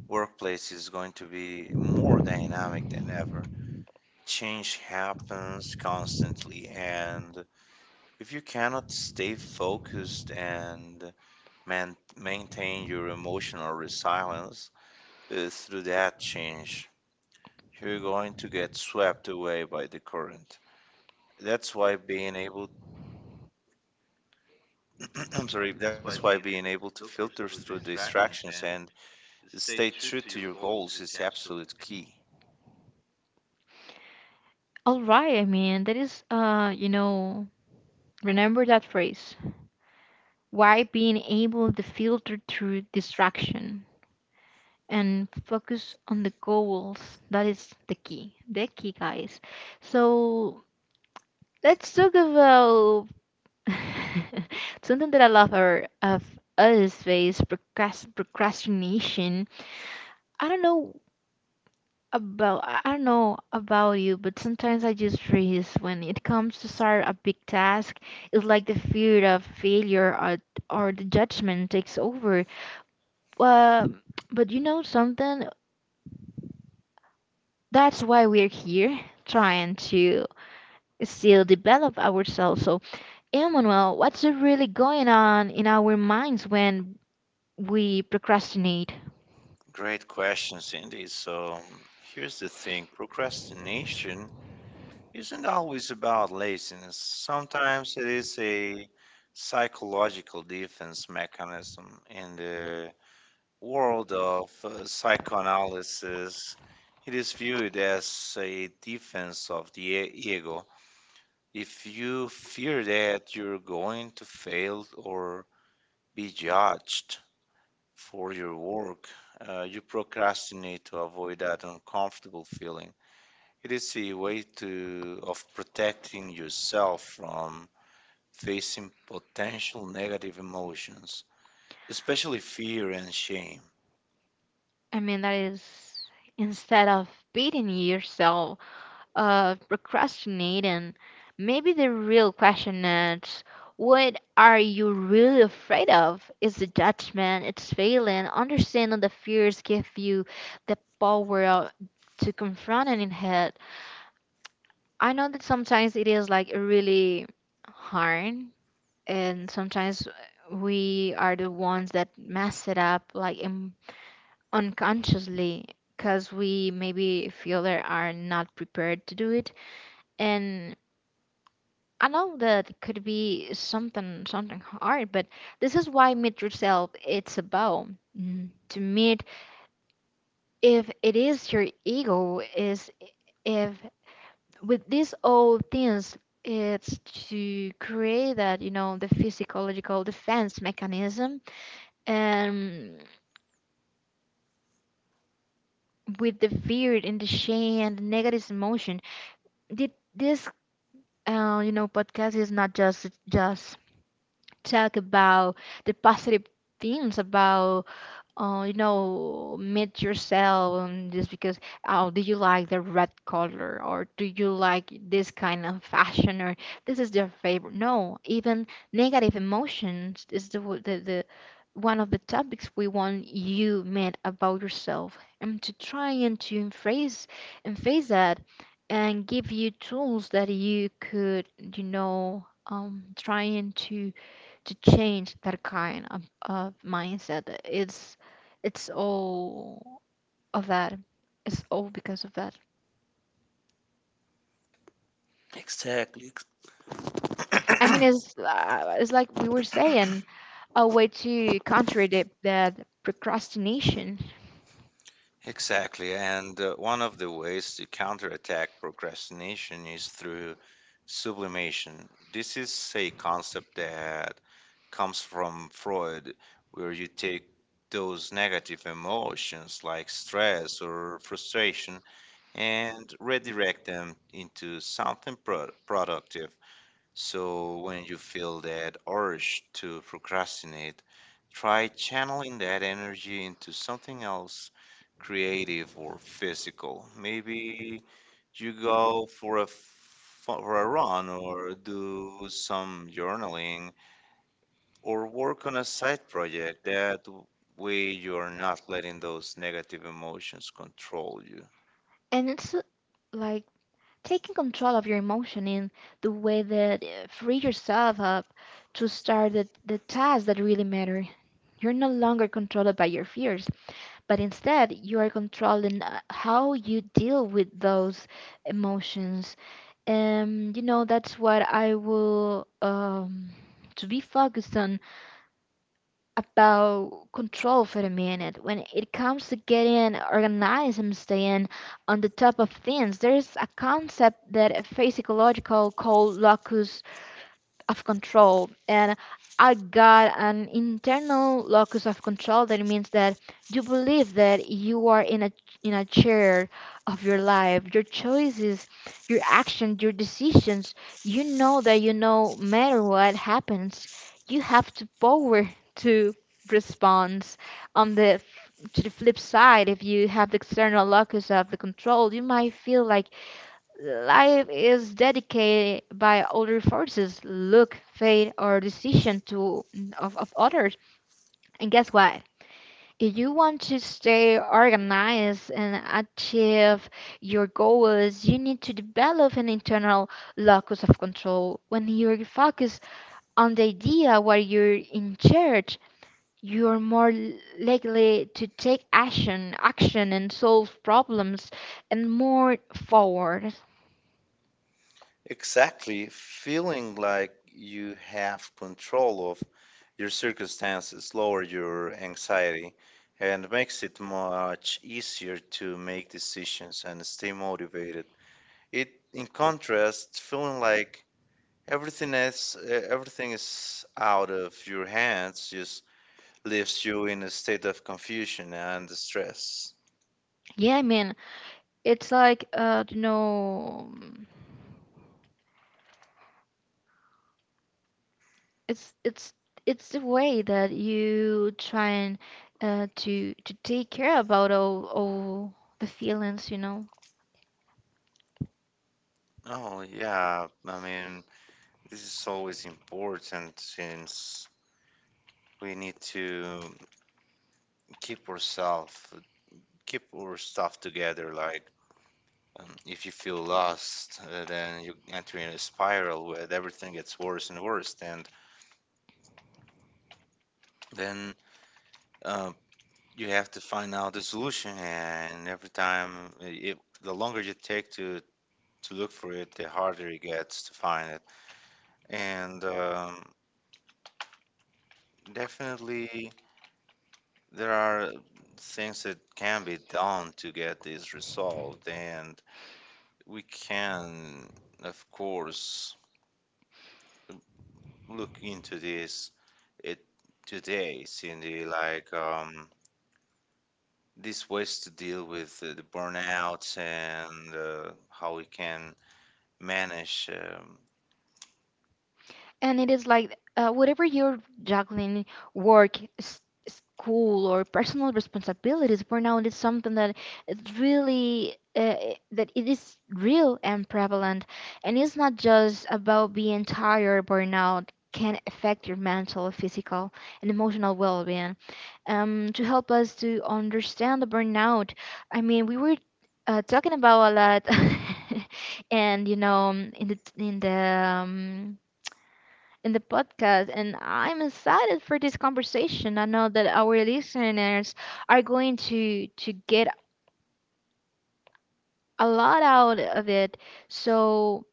workplace is going to be more dynamic than ever. Change happens constantly, and if you cannot stay focused and maintain your emotional resilience through that change, you're going to get swept away by the current. That's why being able, I'm sorry, that's why being able to filter through distractions and stay true to your goals is absolute key. All right, I mean, that is, you know, remember that phrase: why being able to filter through distraction and focus on the goals, that is the key, guys. So let's talk about something that I love, or of us face, procrastination. I don't know I don't know about you, but sometimes I just freeze when it comes to start a big task. It's like the fear of failure, or the judgment takes over. Um, but you know something? That's why we're here, trying to still develop ourselves. So, Emmanuel, what's really going on in our minds when we procrastinate? Great question, Cindy. So here's the thing, procrastination isn't always about laziness. Sometimes it is a psychological defense mechanism. In the world of psychoanalysis, it is viewed as a defense of the ego. If you fear that you're going to fail or be judged for your work, you procrastinate to avoid that uncomfortable feeling. It is a way to of protecting yourself from facing potential negative emotions, especially fear and shame. I mean, that is, instead of beating yourself, procrastinate, and maybe the real question is, what are you really afraid of? Is the judgment? It's failing? Understanding the fears give you the to confront it in head. I know that sometimes it is like really hard, and sometimes we are the ones that mess it up, like, unconsciously, because we maybe feel that are not prepared to do it. And I know that it could be something, something hard, but this is why meet yourself. It's about, to meet, if it is your ego is, if with these old things, it's to create that, you know, the physiological defense mechanism, and with the fear and the shame and the negative emotion. Did this, you know, podcast is not just talk about the positive things about, you know, meet yourself, just because, oh, do you like the red color, or do you like this kind of fashion, or this is your favorite? No, even negative emotions is the one of the topics we want you met about yourself, and to try and to embrace and face that, and give you tools that you could, you know, trying to change that kind of mindset. It's all of that. It's all because of that. Exactly. I mean, it's like we were saying, a way to contradict that procrastination, Exactly. And one of the ways to counterattack procrastination is through sublimation. This is a concept that comes from Freud, where you take those negative emotions like stress or frustration and redirect them into something productive. So when you feel that urge to procrastinate, try channeling that energy into something else creative or physical. Maybe you go for a for a run or do some journaling or work on a side project. Way you're not letting those negative emotions control you. and it's like taking control of your emotion in the way that free yourself up to start the tasks that really matter. You're no longer controlled by your fears, but instead you are controlling how you deal with those emotions. And you know that's what I will to be focused on. About control for a minute: when it comes to getting organized and staying on the top of things, there's a concept that a physiological called locus of control. And I got an internal locus of control. That means that you believe that you are in a, in a chair of your life, your choices, your actions, your decisions. You know that, you know, no matter what happens, you have to power to response on to the flip side. If you have the external locus of the control, you might feel like life is dedicated by other forces, luck, fate, or decision to, of others. And guess what? If you want to stay organized and achieve your goals, you need to develop an internal locus of control. When you're focused on the idea where you're in charge, you're more likely to take action, action, and solve problems and more forward. Exactly. Feeling like you have control of your circumstances lowers your anxiety and makes it much easier to make decisions and stay motivated. In contrast, feeling like everything is out of your hands just leaves you in a state of confusion and stress. Yeah, I mean, it's like, uh, you know, it's it's the way that you try and to take care about all the feelings, you know. Oh yeah, I mean this is always important since we need to keep yourself keep your stuff together. Like if you feel lost then you enter in a spiral where everything gets worse and worse, and then uh, you have to find out the solution. And every time the longer you take to look for it, the harder it gets to find it. And definitely there are things that can be done to get this resolved, and we can, of course, look into this it today, Cindy, like these ways to deal with the burnout and how we can manage And it is like, whatever you're juggling, work s- school, or personal responsibilities, burnout is something that is really, that it is real and prevalent. And it's not just about being tired. Burnout can affect your mental, physical, and emotional well-being. To help us to understand the burnout, I mean, we were, talking about a lot. And you know, in the podcast, and I'm excited for this conversation. I know that our listeners are going to get a lot out of it. So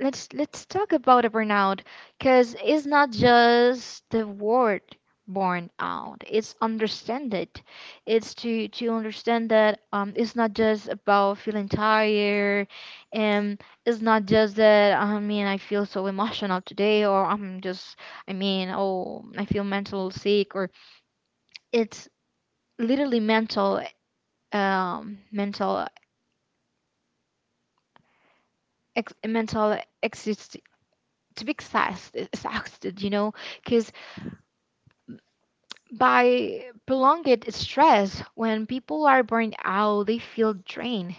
let's talk about a burnout because it's not just the word born out it's understand it it's to understand that it's not just about feeling tired, and it's not just that. I mean, I feel so emotional today, or I'm just, I mean, oh, I feel mental sick, or it's literally mental, mental mental exist, to be exhausted, you know, because by prolonged stress, when people are burned out, they feel drained,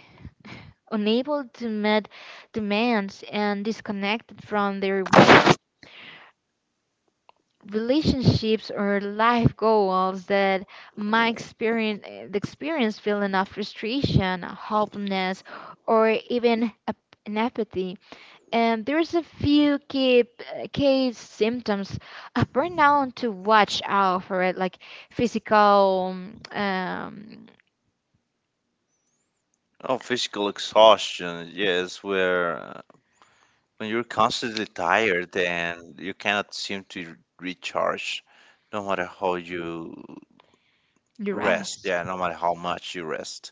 unable to meet demands, and disconnected from their work, relationships, or life goals that might experience the experience feeling of frustration, hopelessness, or even apathy. And there's a few key key symptoms of burnout to watch out for, it, like physical, um, oh, physical exhaustion. Yes, where when you're constantly tired and you cannot seem to recharge, no matter how you yes, rest, duress, yeah, yes. no matter how much you rest.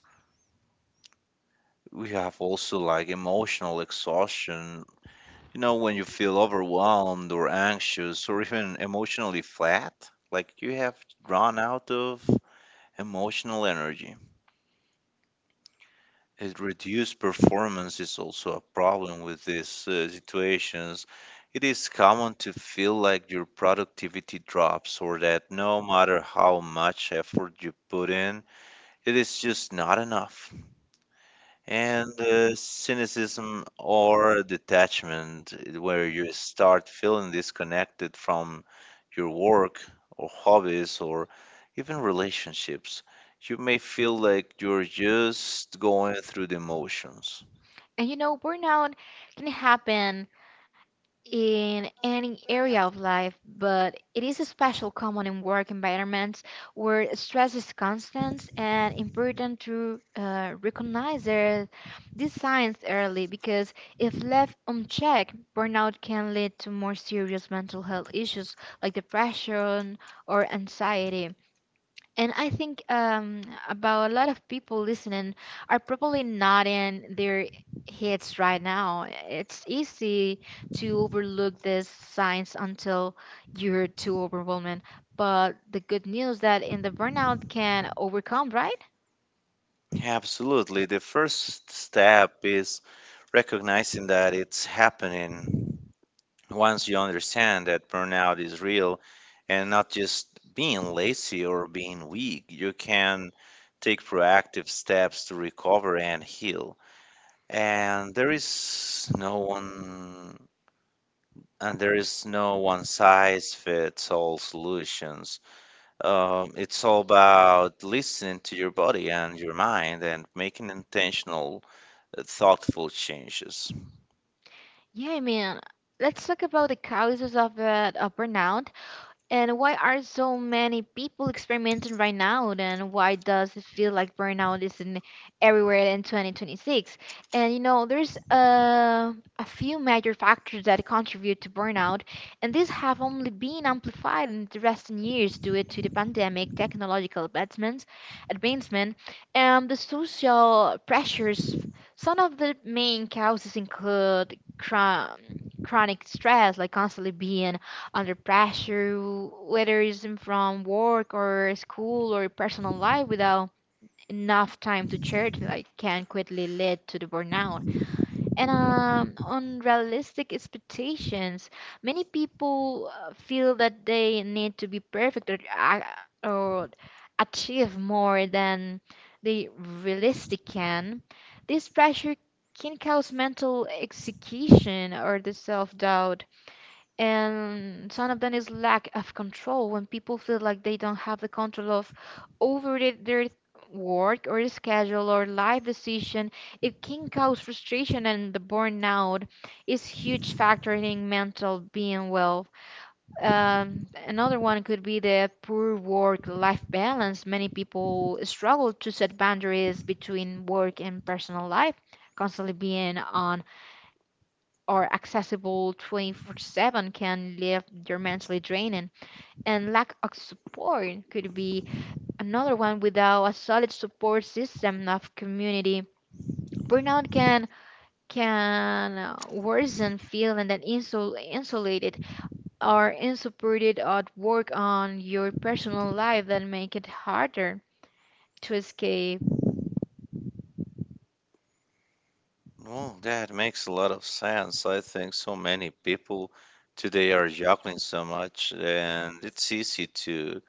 We have also like emotional exhaustion. You know, when you feel overwhelmed or anxious or even emotionally flat, like you have run out of emotional energy. It reduced performance is also a problem with these situations. It is common to feel like your productivity drops, or that no matter how much effort you put in, it is just not enough. And cynicism or detachment, where you start feeling disconnected from your work or hobbies or even relationships. You may feel like you're just going through the motions. And you know, burnout can happen in any area of life, but it is especially common in work environments where stress is constant, and important to recognize their, these signs early, because if left unchecked, burnout can lead to more serious mental health issues like depression or anxiety. And I think about a lot of people listening are probably not in their heads right now. It's easy to overlook these signs until you're too overwhelming. But the good news that in the burnout can overcome, right? Absolutely. The first step is recognizing that it's happening. Once you understand that burnout is real and not just being lazy or being weak, you can take proactive steps to recover and heal. And there is no one and there is no one size fits all solutions. It's all about listening to your body and your mind and making intentional, thoughtful changes. Yeah, I mean, let's talk about the causes of burnout. And why are so many people experimenting right now? And why does it feel like burnout is in everywhere in 2026? And you know, there's a few major factors that contribute to burnout, and these have only been amplified in the recent years due to the pandemic, technological advancements, advancement, and the social pressures. Some of the main causes include chronic stress, like constantly being under pressure, whether it's in from work or school or personal life, without enough time to church, like can quickly lead to the burnout. And unrealistic expectations. Many people feel that they need to be perfect, or, or achieve more than they realistically can. This pressure can cause mental execution or the self doubt. And some of them is lack of control. When people feel like they don't have the control of over the- their work or schedule or life decision, it can cause frustration and the burnout. Is huge factor in mental being well. Another one could be the poor work life balance. Many people struggle to set boundaries between work and personal life. Constantly being on are accessible 24/7 can leave your mentally draining, and lack of support could be another one. Without a solid support system of community, burnout can worsen feeling that insulated or unsupported at work on your personal life, that make it harder to escape. Well, that makes a lot of sense. I think so many people today are juggling so much, and it's easy to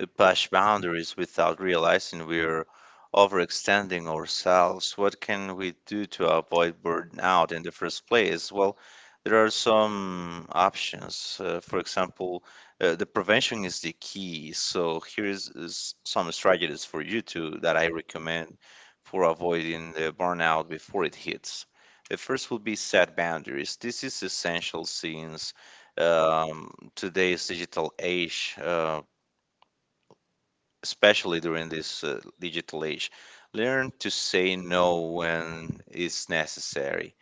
we push boundaries without realizing we're overextending ourselves. What can we do to avoid burnout in the first place? Well, there are some options. For example, the prevention is the key. So here is some strategies for you to that I recommend for avoiding the burnout before it hits. The first will be set boundaries. This is essential since um, today's digital age. Especially during this digital age. Learn to say no when it's necessary,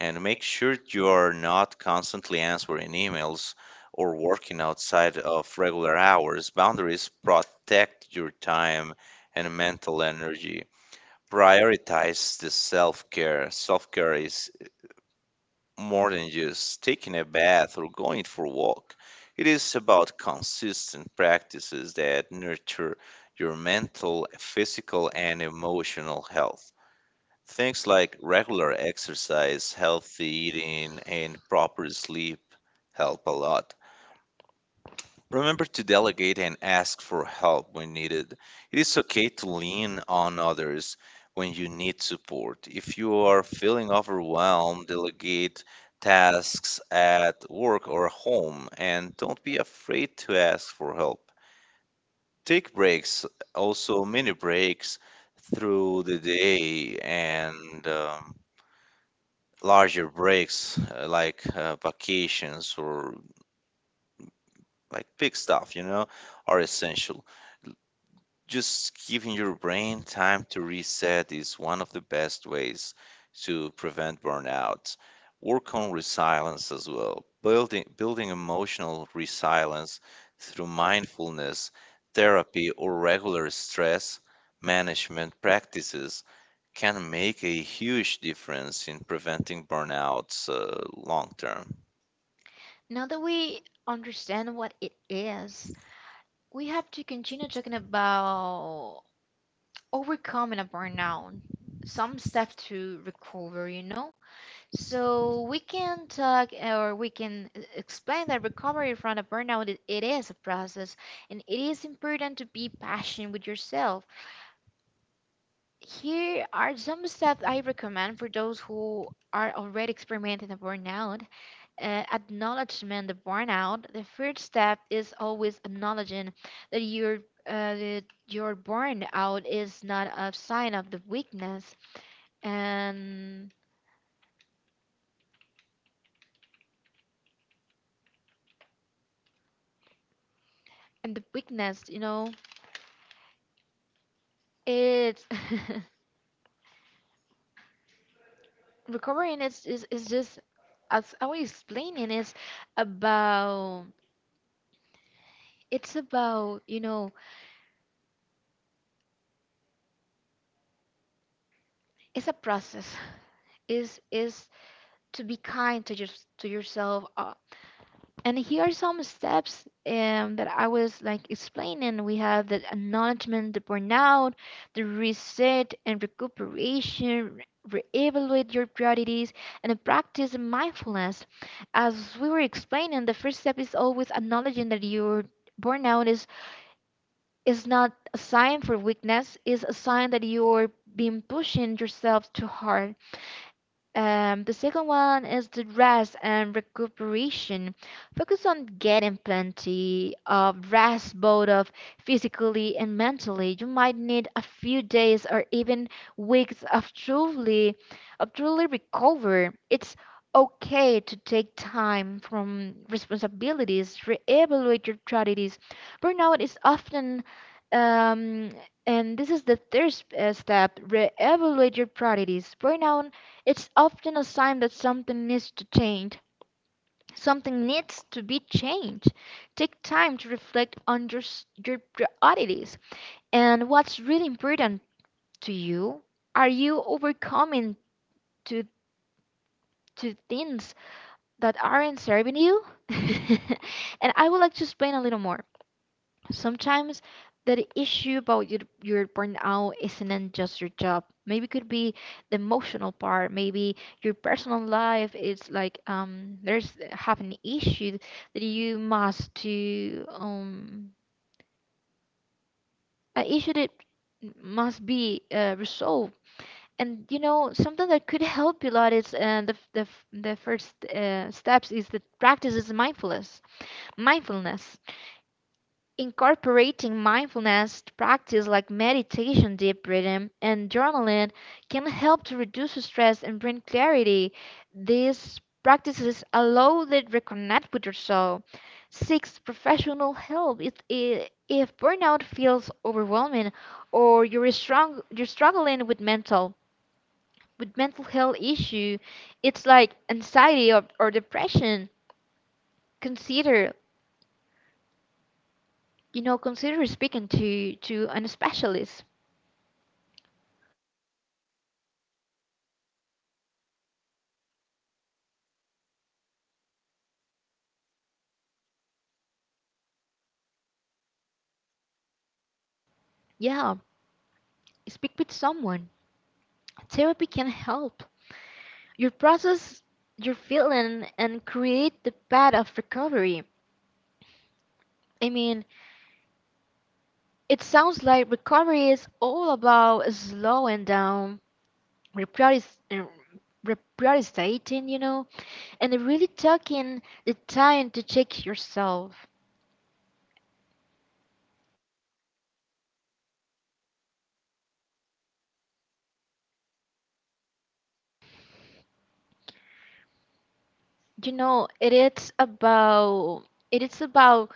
and make sure you are not constantly answering emails or working outside of regular hours. Boundaries protect your time and mental energy. Prioritize the self care. Self care is more than just taking a bath or going for a walk. It is about consistent practices that nurture your mental, physical, and emotional health. Things like regular exercise, healthy eating, and proper sleep help a lot. Remember to delegate and ask for help when needed. It is okay to lean on others when you need support. If you are feeling overwhelmed, delegate tasks at work or home, and don't be afraid to ask for help. Take breaks, also mini breaks through the day, and larger breaks like vacations or like big stuff, you know, are essential. Just giving your brain time to reset is one of the best ways to prevent burnout. Work on resilience as well. Building emotional resilience through mindfulness, therapy, or regular stress management practices can make a huge difference in preventing burnouts long term. Now that we understand what it is, we have to continue talking about overcoming a burnout, some step to recover, you know? So we can talk, or we can explain that recovery from a burnout, it is a process, and it is important to be passionate with yourself. Here are some steps I recommend for those who are already experimenting a burnout. Acknowledgement of burnout. The first step is always acknowledging that your that your burnout is not a sign of the weakness, and and the weakness, you know, it's recovering is just, as I was explaining, is about, it's about, you know, it's a process, is to be kind to just to yourself. And here are some steps that I was like explaining. We have the acknowledgement, the burnout, the reset and recuperation, reevaluate your priorities, and then practice mindfulness. As we were explaining, the first step is always acknowledging that your burnout is not a sign for weakness. It's a sign that you're being pushing yourself too hard. The second one is the rest and recuperation. Focus on getting plenty of rest, both of physically and mentally. You might need a few days or even weeks of truly recover. It's okay to take time from responsibilities, reevaluate your priorities. Burnout is often, um, and this is the third step. Re-evaluate your priorities. Burnout, it's often a sign that something needs to change. Something needs to be changed. Take time to reflect on your, your priorities and what's really important to you. Are you overcoming to to things that aren't serving you? And I would like to explain a little more. Sometimes the issue about your burnout isn't just your job, maybe it could be the emotional part, maybe your personal life is like, um, there's have an issue that you must to, um, an issue that must be resolved. And you know, something that could help you a lot is the first steps is the practice is mindfulness. Incorporating mindfulness practice like meditation, deep breathing, and journaling can help to reduce stress and bring clarity. These practices allow you to reconnect with yourself. Seek professional help if, if burnout feels overwhelming or you're, strong, you're struggling with mental, with mental health issue. It's like anxiety, or depression. Consider, you know, consider speaking to an specialist. Yeah, speak with someone. Therapy can help. You process your feeling and create the path of recovery. I mean, it sounds like recovery is all about slowing down, reprioritiz- uh, reprioritizing, you know, and really taking the time to check yourself. You know, it is about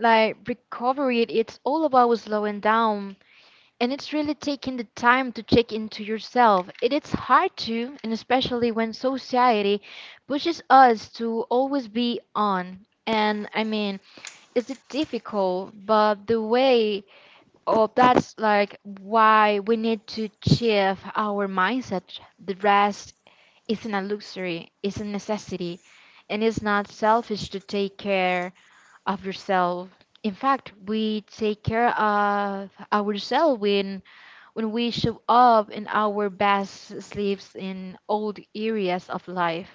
like recovery. It's all about slowing down, and it's really taking the time to check into yourself. It is hard to, and especially when society pushes us to always be on. And I mean, it's difficult, but the way of that's like why we need to shift our mindset. The rest isn't a luxury, it's a necessity, and it's not selfish to take care of yourself. In fact, we take care of ourselves when we show up in our best sleeves in all the areas of life.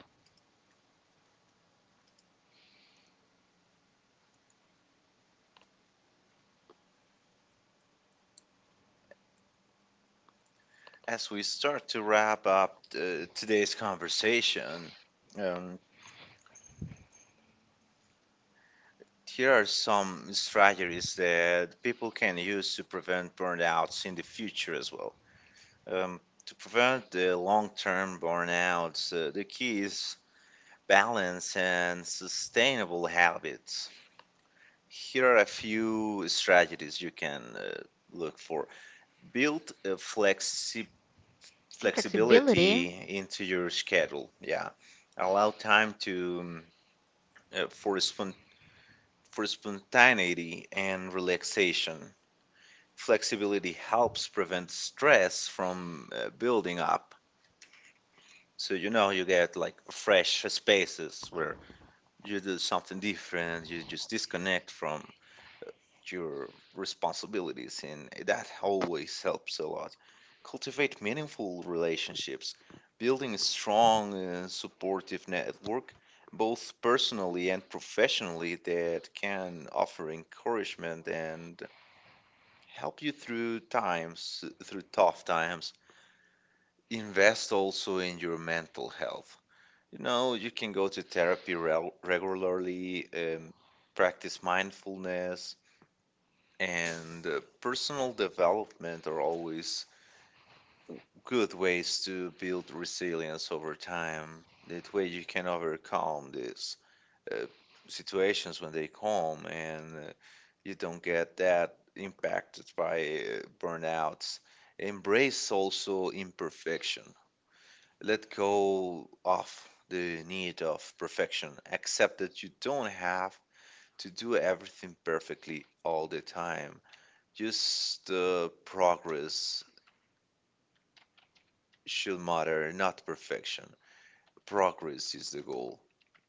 As we start to wrap up today's conversation, um, here are some strategies that people can use to prevent burnouts in the future as well. Um, to prevent the long term burnouts, the key is balance and sustainable habits. Here are a few strategies you can look for. Build a flexi- flexibility Flexibility. into your schedule. Yeah, allow time to uh, for spon- for spontaneity and relaxation. Flexibility helps prevent stress from building up. So you know, you get like fresh spaces where you do something different, you just disconnect from your responsibilities, and that always helps a lot. Cultivate meaningful relationships, building a strong and supportive network both personally and professionally that can offer encouragement and help you through tough times. Invest also in your mental health. You know, you can go to therapy regularly, practice mindfulness, and personal development are always good ways to build resilience over time. That way, you can overcome these uh, situations when they come, and you don't get that impacted by burnouts. Embrace also imperfection. Let go of the need of perfection. Accept that you don't have to do everything perfectly all the time. Just the progress should matter, not perfection. Progress is the goal.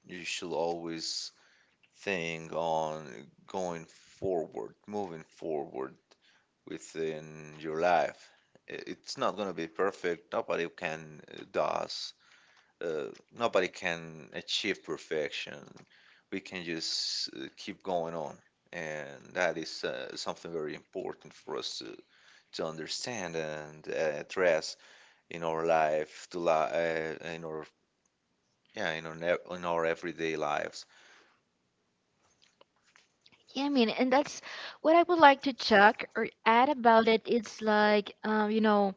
You should always think on going forward, moving forward within your life. I- It's not gonna be perfect. Uh, Nobody can achieve perfection. We can just keep going on, and that is something very important for us to understand and address in our life, to li- in our yeah, in our ne- in our everyday lives. Yeah, I mean, and that's what I would like to check or add about it. It's like, you know,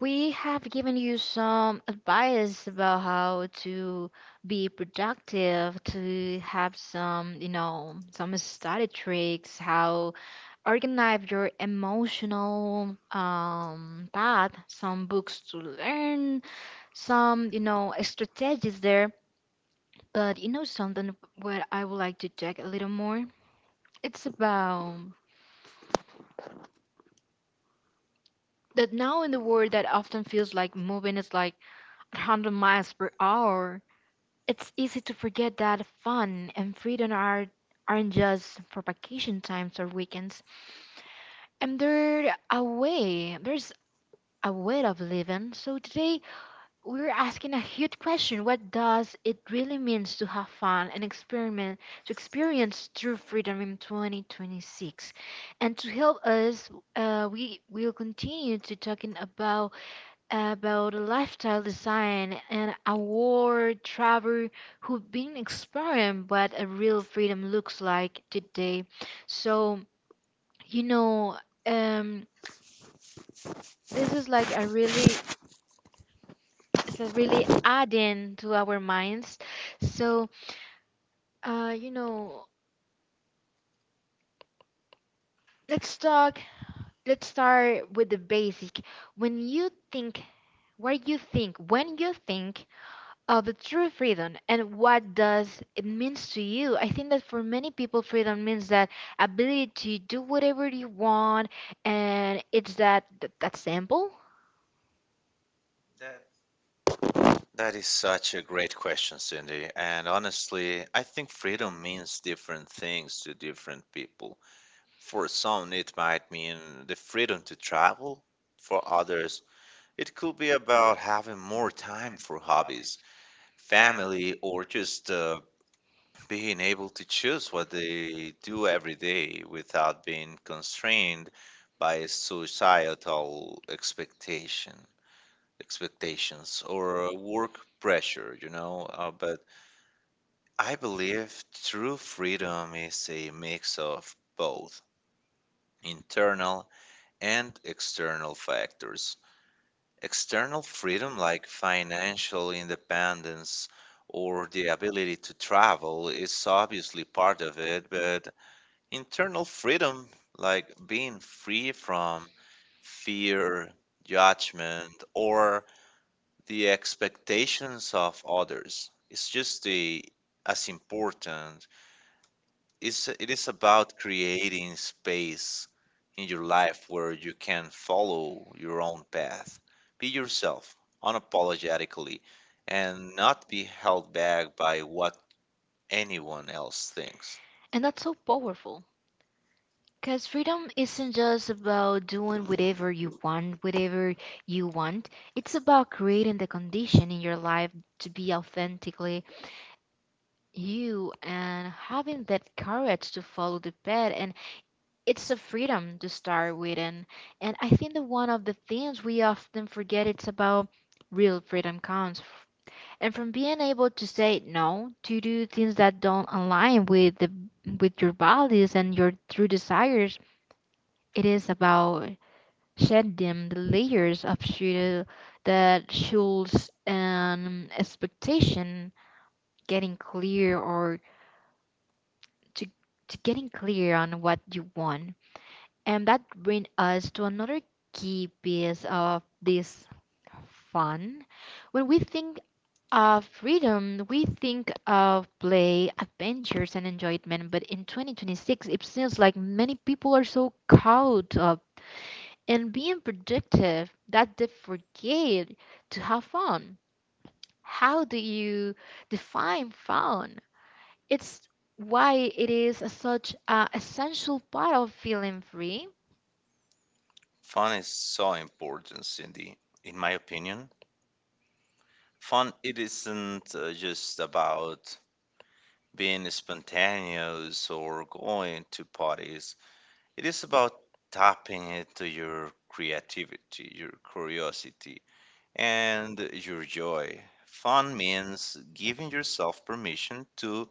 we have given you some advice about how to be productive, to have some, you know, some study tricks, how organize your emotional path, some books to learn, some, you know, strategies there. But you know, something what I would like to check a little more? It's about that now, in the world that often feels like moving is like 100 miles per hour, it's easy to forget that fun and freedom are aren't just for vacation times or weekends. And they're a way, there's a way of living. So today we're asking a huge question. What does it really means to have fun and experiment to experience true freedom in 2026? And to help us, we will continue to talking about lifestyle design and a world traveler who've been exploring what a real freedom looks like today. So you know, um, this is like a really, it's a really adding to our minds. So, uh, you know, let's talk. Let's start with the basic. When you think, what you think, when you think of the true freedom and what does it means to you? I think that for many people, freedom means that ability to do whatever you want, and it's that, that, that simple. That is such a great question, Cindy. And honestly, I think freedom means different things to different people. For some, it might mean the freedom to travel. For others, it could be about having more time for hobbies, family, or just being able to choose what they do every day without being constrained by societal expectation expectations or work pressure, you know. But I believe true freedom is a mix of both internal and external factors. External freedom, like financial independence or the ability to travel, is obviously part of it, but internal freedom, like being free from fear, judgment, or the expectations of others, is just the, as important. Is it is about creating space in your life where you can follow your own path, be yourself unapologetically, and not be held back by what anyone else thinks. And that's so powerful. Because freedom isn't just about doing whatever you want, whatever you want. It's about creating the condition in your life to be authentically you, and having that courage to follow the path. And it's a freedom to start with. And I think that one of the things we often forget it's about real freedom comes. And from being able to say no to do things that don't align with the, with your values and your true desires. It is about shed them the layers of shadow that shields an expectation, getting clear or to, to getting clear on what you want. And that brings us to another key piece of this, fun. When we think of freedom, we think of play, adventures, and enjoyment. But in 2026, it seems like many people are so caught up in being productive that they forget to have fun. How do you define fun? It's why it is a such a essential part of feeling free. Fun is so important, Cindy. In my opinion, fun it isn't just about being spontaneous or going to parties. It is about tapping into your creativity, your curiosity, and your joy. Fun means giving yourself permission to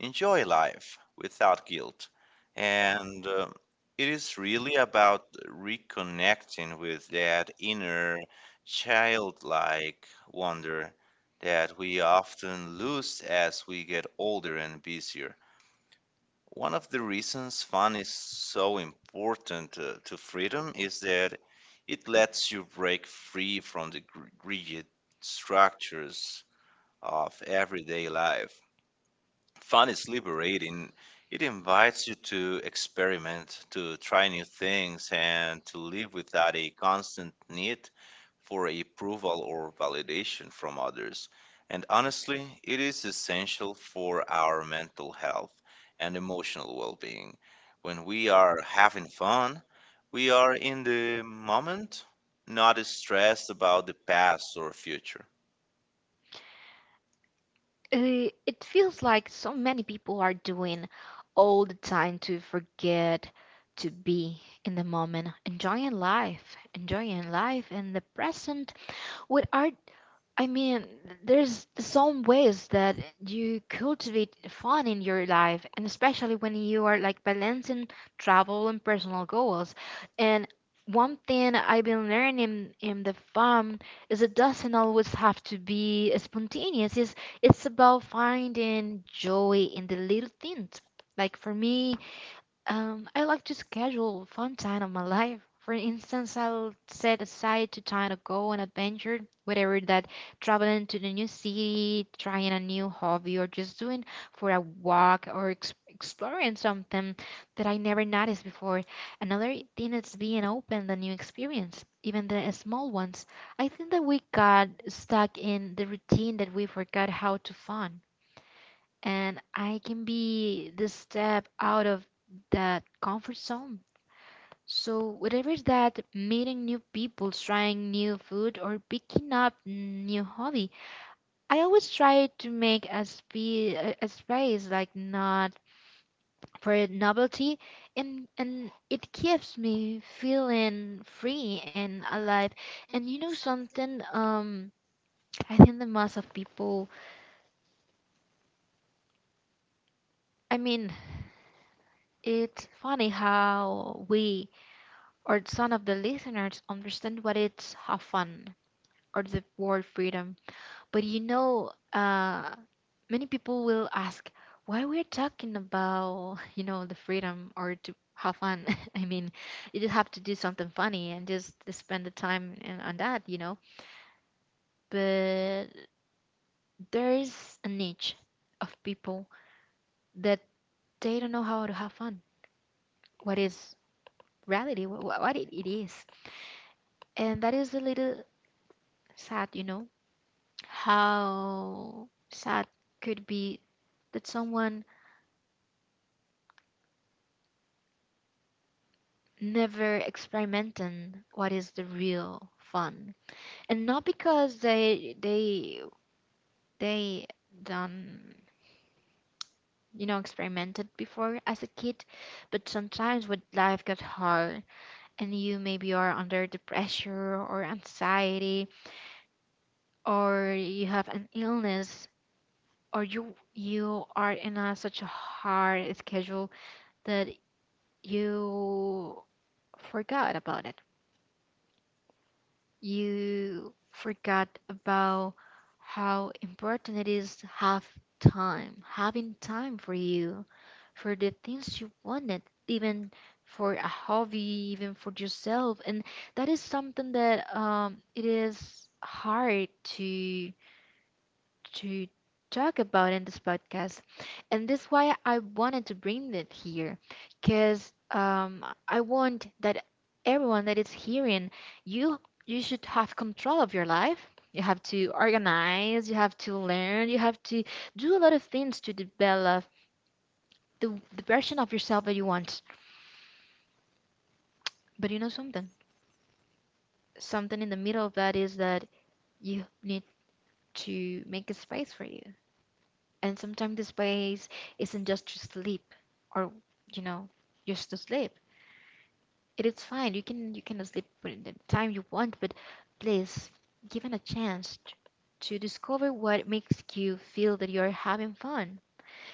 enjoy life without guilt. And it is really about reconnecting with that inner childlike wonder that we often lose as we get older and busier. One of the reasons fun is so important to freedom is that it lets you break free from the rigid structures of everyday life. Fun is liberating. It invites you to experiment, to try new things, and to live without a constant need for approval or validation from others. And honestly, it is essential for our mental health and emotional well being. When we are having fun, we are in the moment, not stressed about the past or future. It feels like so many people are doing all the time to forget to be in the moment, enjoying life in the present. What are, I mean, there's some ways that you cultivate fun in your life, and especially when you are like balancing travel and personal goals. And one thing I've been learning in the farm is it doesn't always have to be spontaneous. It's about finding joy in the little things. Like for me, I like to schedule fun time of my life. For instance, I'll set aside to time to go on adventure, whatever that traveling to the new city, trying a new hobby, or just doing for a walk or ex exploring something that I never noticed before. Another thing is being open to new experience, even the small ones. I think that we got stuck in the routine that we forgot how to fun, and I can be the step out of that comfort zone. So, whatever is that, meeting new people, trying new food, or picking up new hobby, I always try to make a, a space like not for novelty, and it keeps me feeling free and alive. And you know something, I think the mass of people, I mean, it's funny how we or some of the listeners understand what it's have fun or the word freedom. But you know, many people will ask why we're talking about you know the freedom or to have fun. I mean, you just have to do something funny and just to spend the time in, on that. But there is a niche of people that they don't know how to have fun. What is reality? What, what it is, and that is a little sad, you know. How sad could be that someone never experimenting what is the real fun. And not because they done, you know, experimented before as a kid, but sometimes when life got hard and you maybe are under the pressure or anxiety or you have an illness or you are in a, such a hard schedule that you forgot about it. You forgot about how important it is to have time, having time for you, for the things you wanted, even for a hobby, even for yourself. And that is something that it is hard to to talk about in this podcast. And this why I wanted to bring it here because I want that everyone that is hearing you you should have control of your life. You have to organize, you have to learn, you have to do a lot of things to develop the version of yourself that you want. But you know something? Something in the middle of that is that you need to make a space for you. And sometimes the space isn't just to sleep or, you know, just to sleep. It is fine. You can sleep when the time you want, but please give it a chance to discover what makes you feel that you're having fun,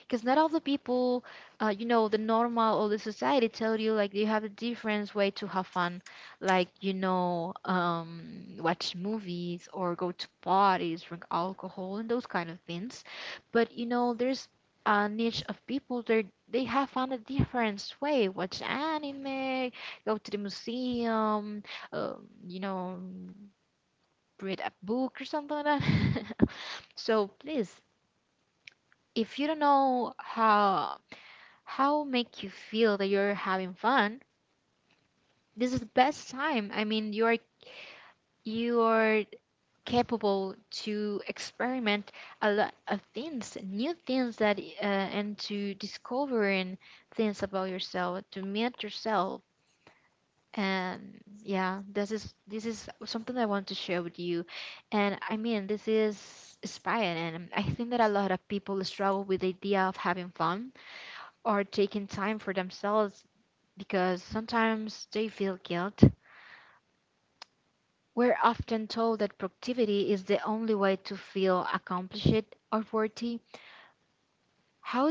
because not all the people, you know, the normal or the society tell you like you have a different way to have fun, like, you know, watch movies or go to parties, drink alcohol, and those kind of things. But you know there's a niche of people that they have found a different way: watch anime, go to the museum, uh, you know, read a book or something like that. So please, if you don't know how make you feel that you're having fun, this is the best time. You're capable to experiment a lot of things, new things that and to discovering things about yourself, to meet yourself. And yeah, this is something I want to share with you. And I mean this is inspiring, and I think that a lot of people struggle with the idea of having fun or taking time for themselves because sometimes they feel guilt. We're often told that productivity is the only way to feel accomplished or worthy. How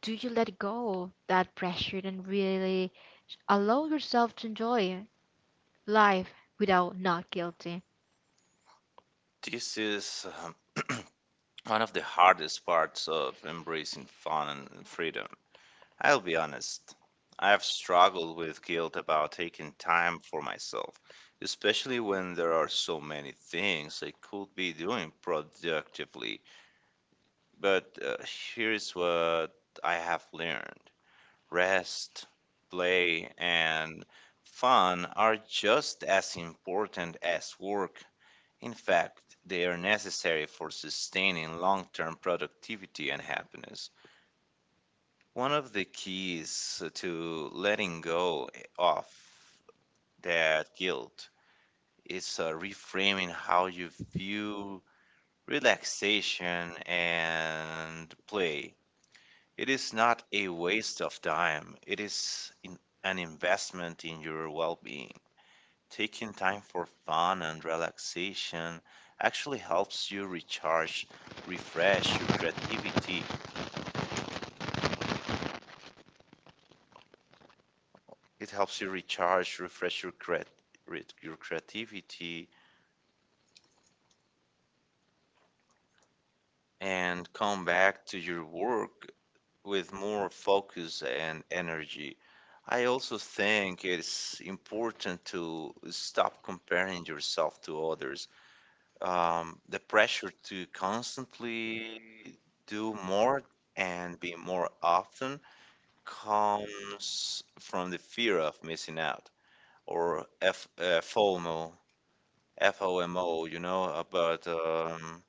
do you let go of that pressure and really allow yourself to enjoy life without not guilty? This is one of the hardest parts of embracing fun and freedom. I'll be honest. I've struggled with guilt about taking time for myself, especially when there are so many things I could be doing productively. But here's what I have learned: rest, play, and fun are just as important as work. In fact, they are necessary for sustaining long term productivity and happiness. One of the keys to letting go of that guilt is reframing how you view relaxation and play. It is not a waste of time, it is an investment in your well being. Taking time for fun and relaxation actually helps you recharge, refresh your creativity. It helps you recharge, refresh your, creat- re- your creativity and come back to your work with more focus and energy. I also think it's important to stop comparing yourself to others. The pressure to constantly do more and be more often comes from the fear of missing out, or FOMO, you know, about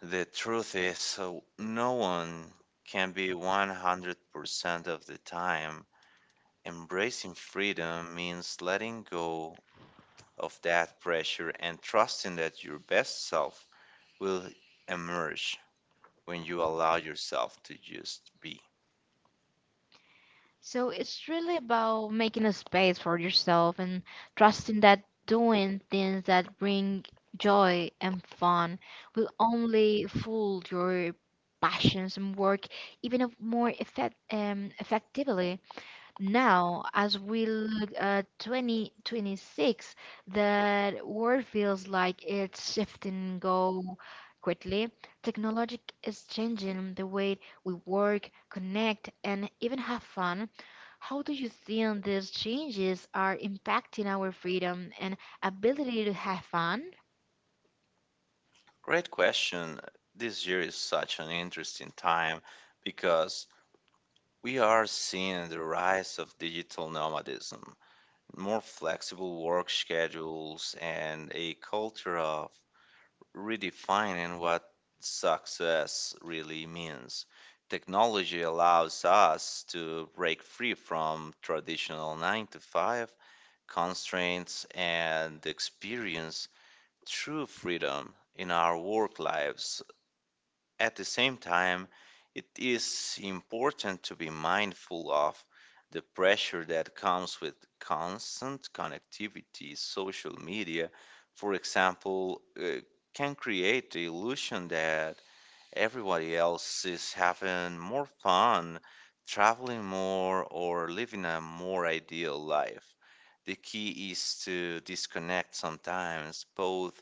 the truth is, so no one can be 100% of the time. Embracing freedom means letting go of that pressure and trusting that your best self will emerge when you allow yourself to just be. So it's really about making a space for yourself and trusting that doing things that bring joy and fun will only fuel your passions and work even of more effect, effectively. Now, as we look at 2026, the world feels like it's shifting go quickly. Technology is changing the way we work, connect, and even have fun. How do you think these changes are impacting our freedom and ability to have fun? Great question. This year is such an interesting time because we are seeing the rise of digital nomadism, more flexible work schedules, and a culture of redefining what success really means. Technology allows us to break free from traditional 9 to 5 constraints and experience true freedom in our work lives. At the same time, it is important to be mindful of the pressure that comes with constant connectivity. Social media, for example, can create the illusion that everybody else is having more fun, traveling more, or living a more ideal life. The key is to disconnect sometimes, both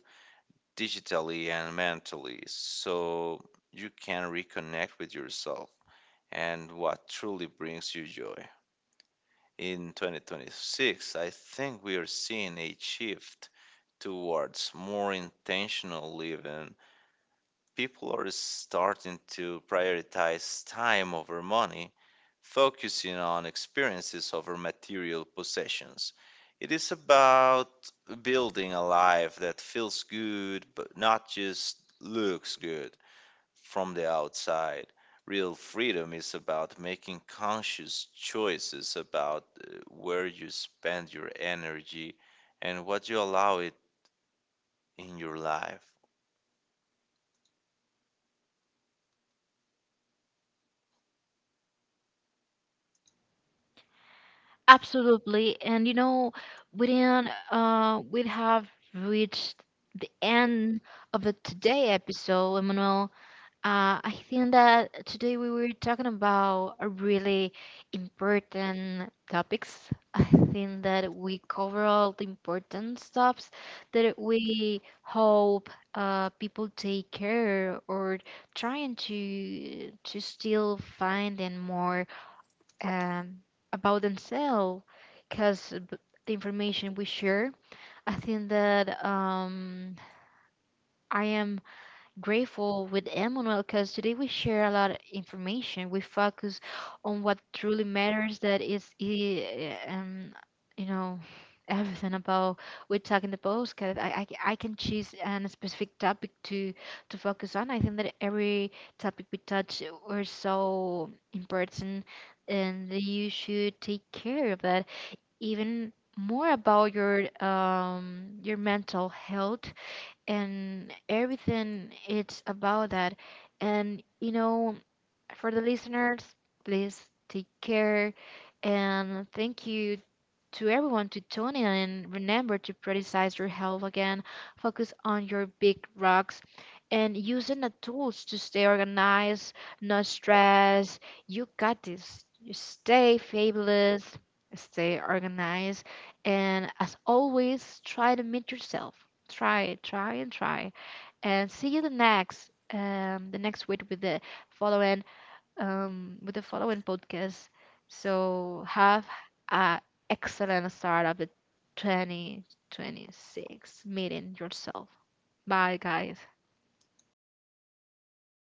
digitally and mentally, so you can reconnect with yourself and what truly brings you joy. In 2026, I think we are seeing a shift towards more intentional living. People are starting to prioritize time over money, focusing on experiences over material possessions. It is about building a life that feels good, but not just looks good from the outside. Real freedom is about making conscious choices about where you spend your energy and what you allow it in your life. Absolutely. And you know, we didn't, we have reached the end of the today episode, Emmanuel. I think that today we were talking about a really important topics. I think that we cover all the important stuffs that we hope, people take care or trying to still find and more, um, about themselves because the information we share. I think that, I am grateful with Emmanuel because today we share a lot of information. We focus on what truly matters. That is, eh, you know, everything about we talk in the postcard. I can choose a specific topic to focus on. I think that every topic we touch were so important, and that you should take care of that, even more about your mental health, and everything it's about that. And you know, for the listeners, please take care. And thank you to everyone to tune in, and remember to prioritize your health again, focus on your big rocks, and using the tools to stay organized, not stress. You got this. You stay fabulous, stay organized, and as always, try to meet yourself. Try, try, and try. And see you the next week with the following, with the following podcast. So have an excellent start of the 2026, meeting yourself. Bye, guys.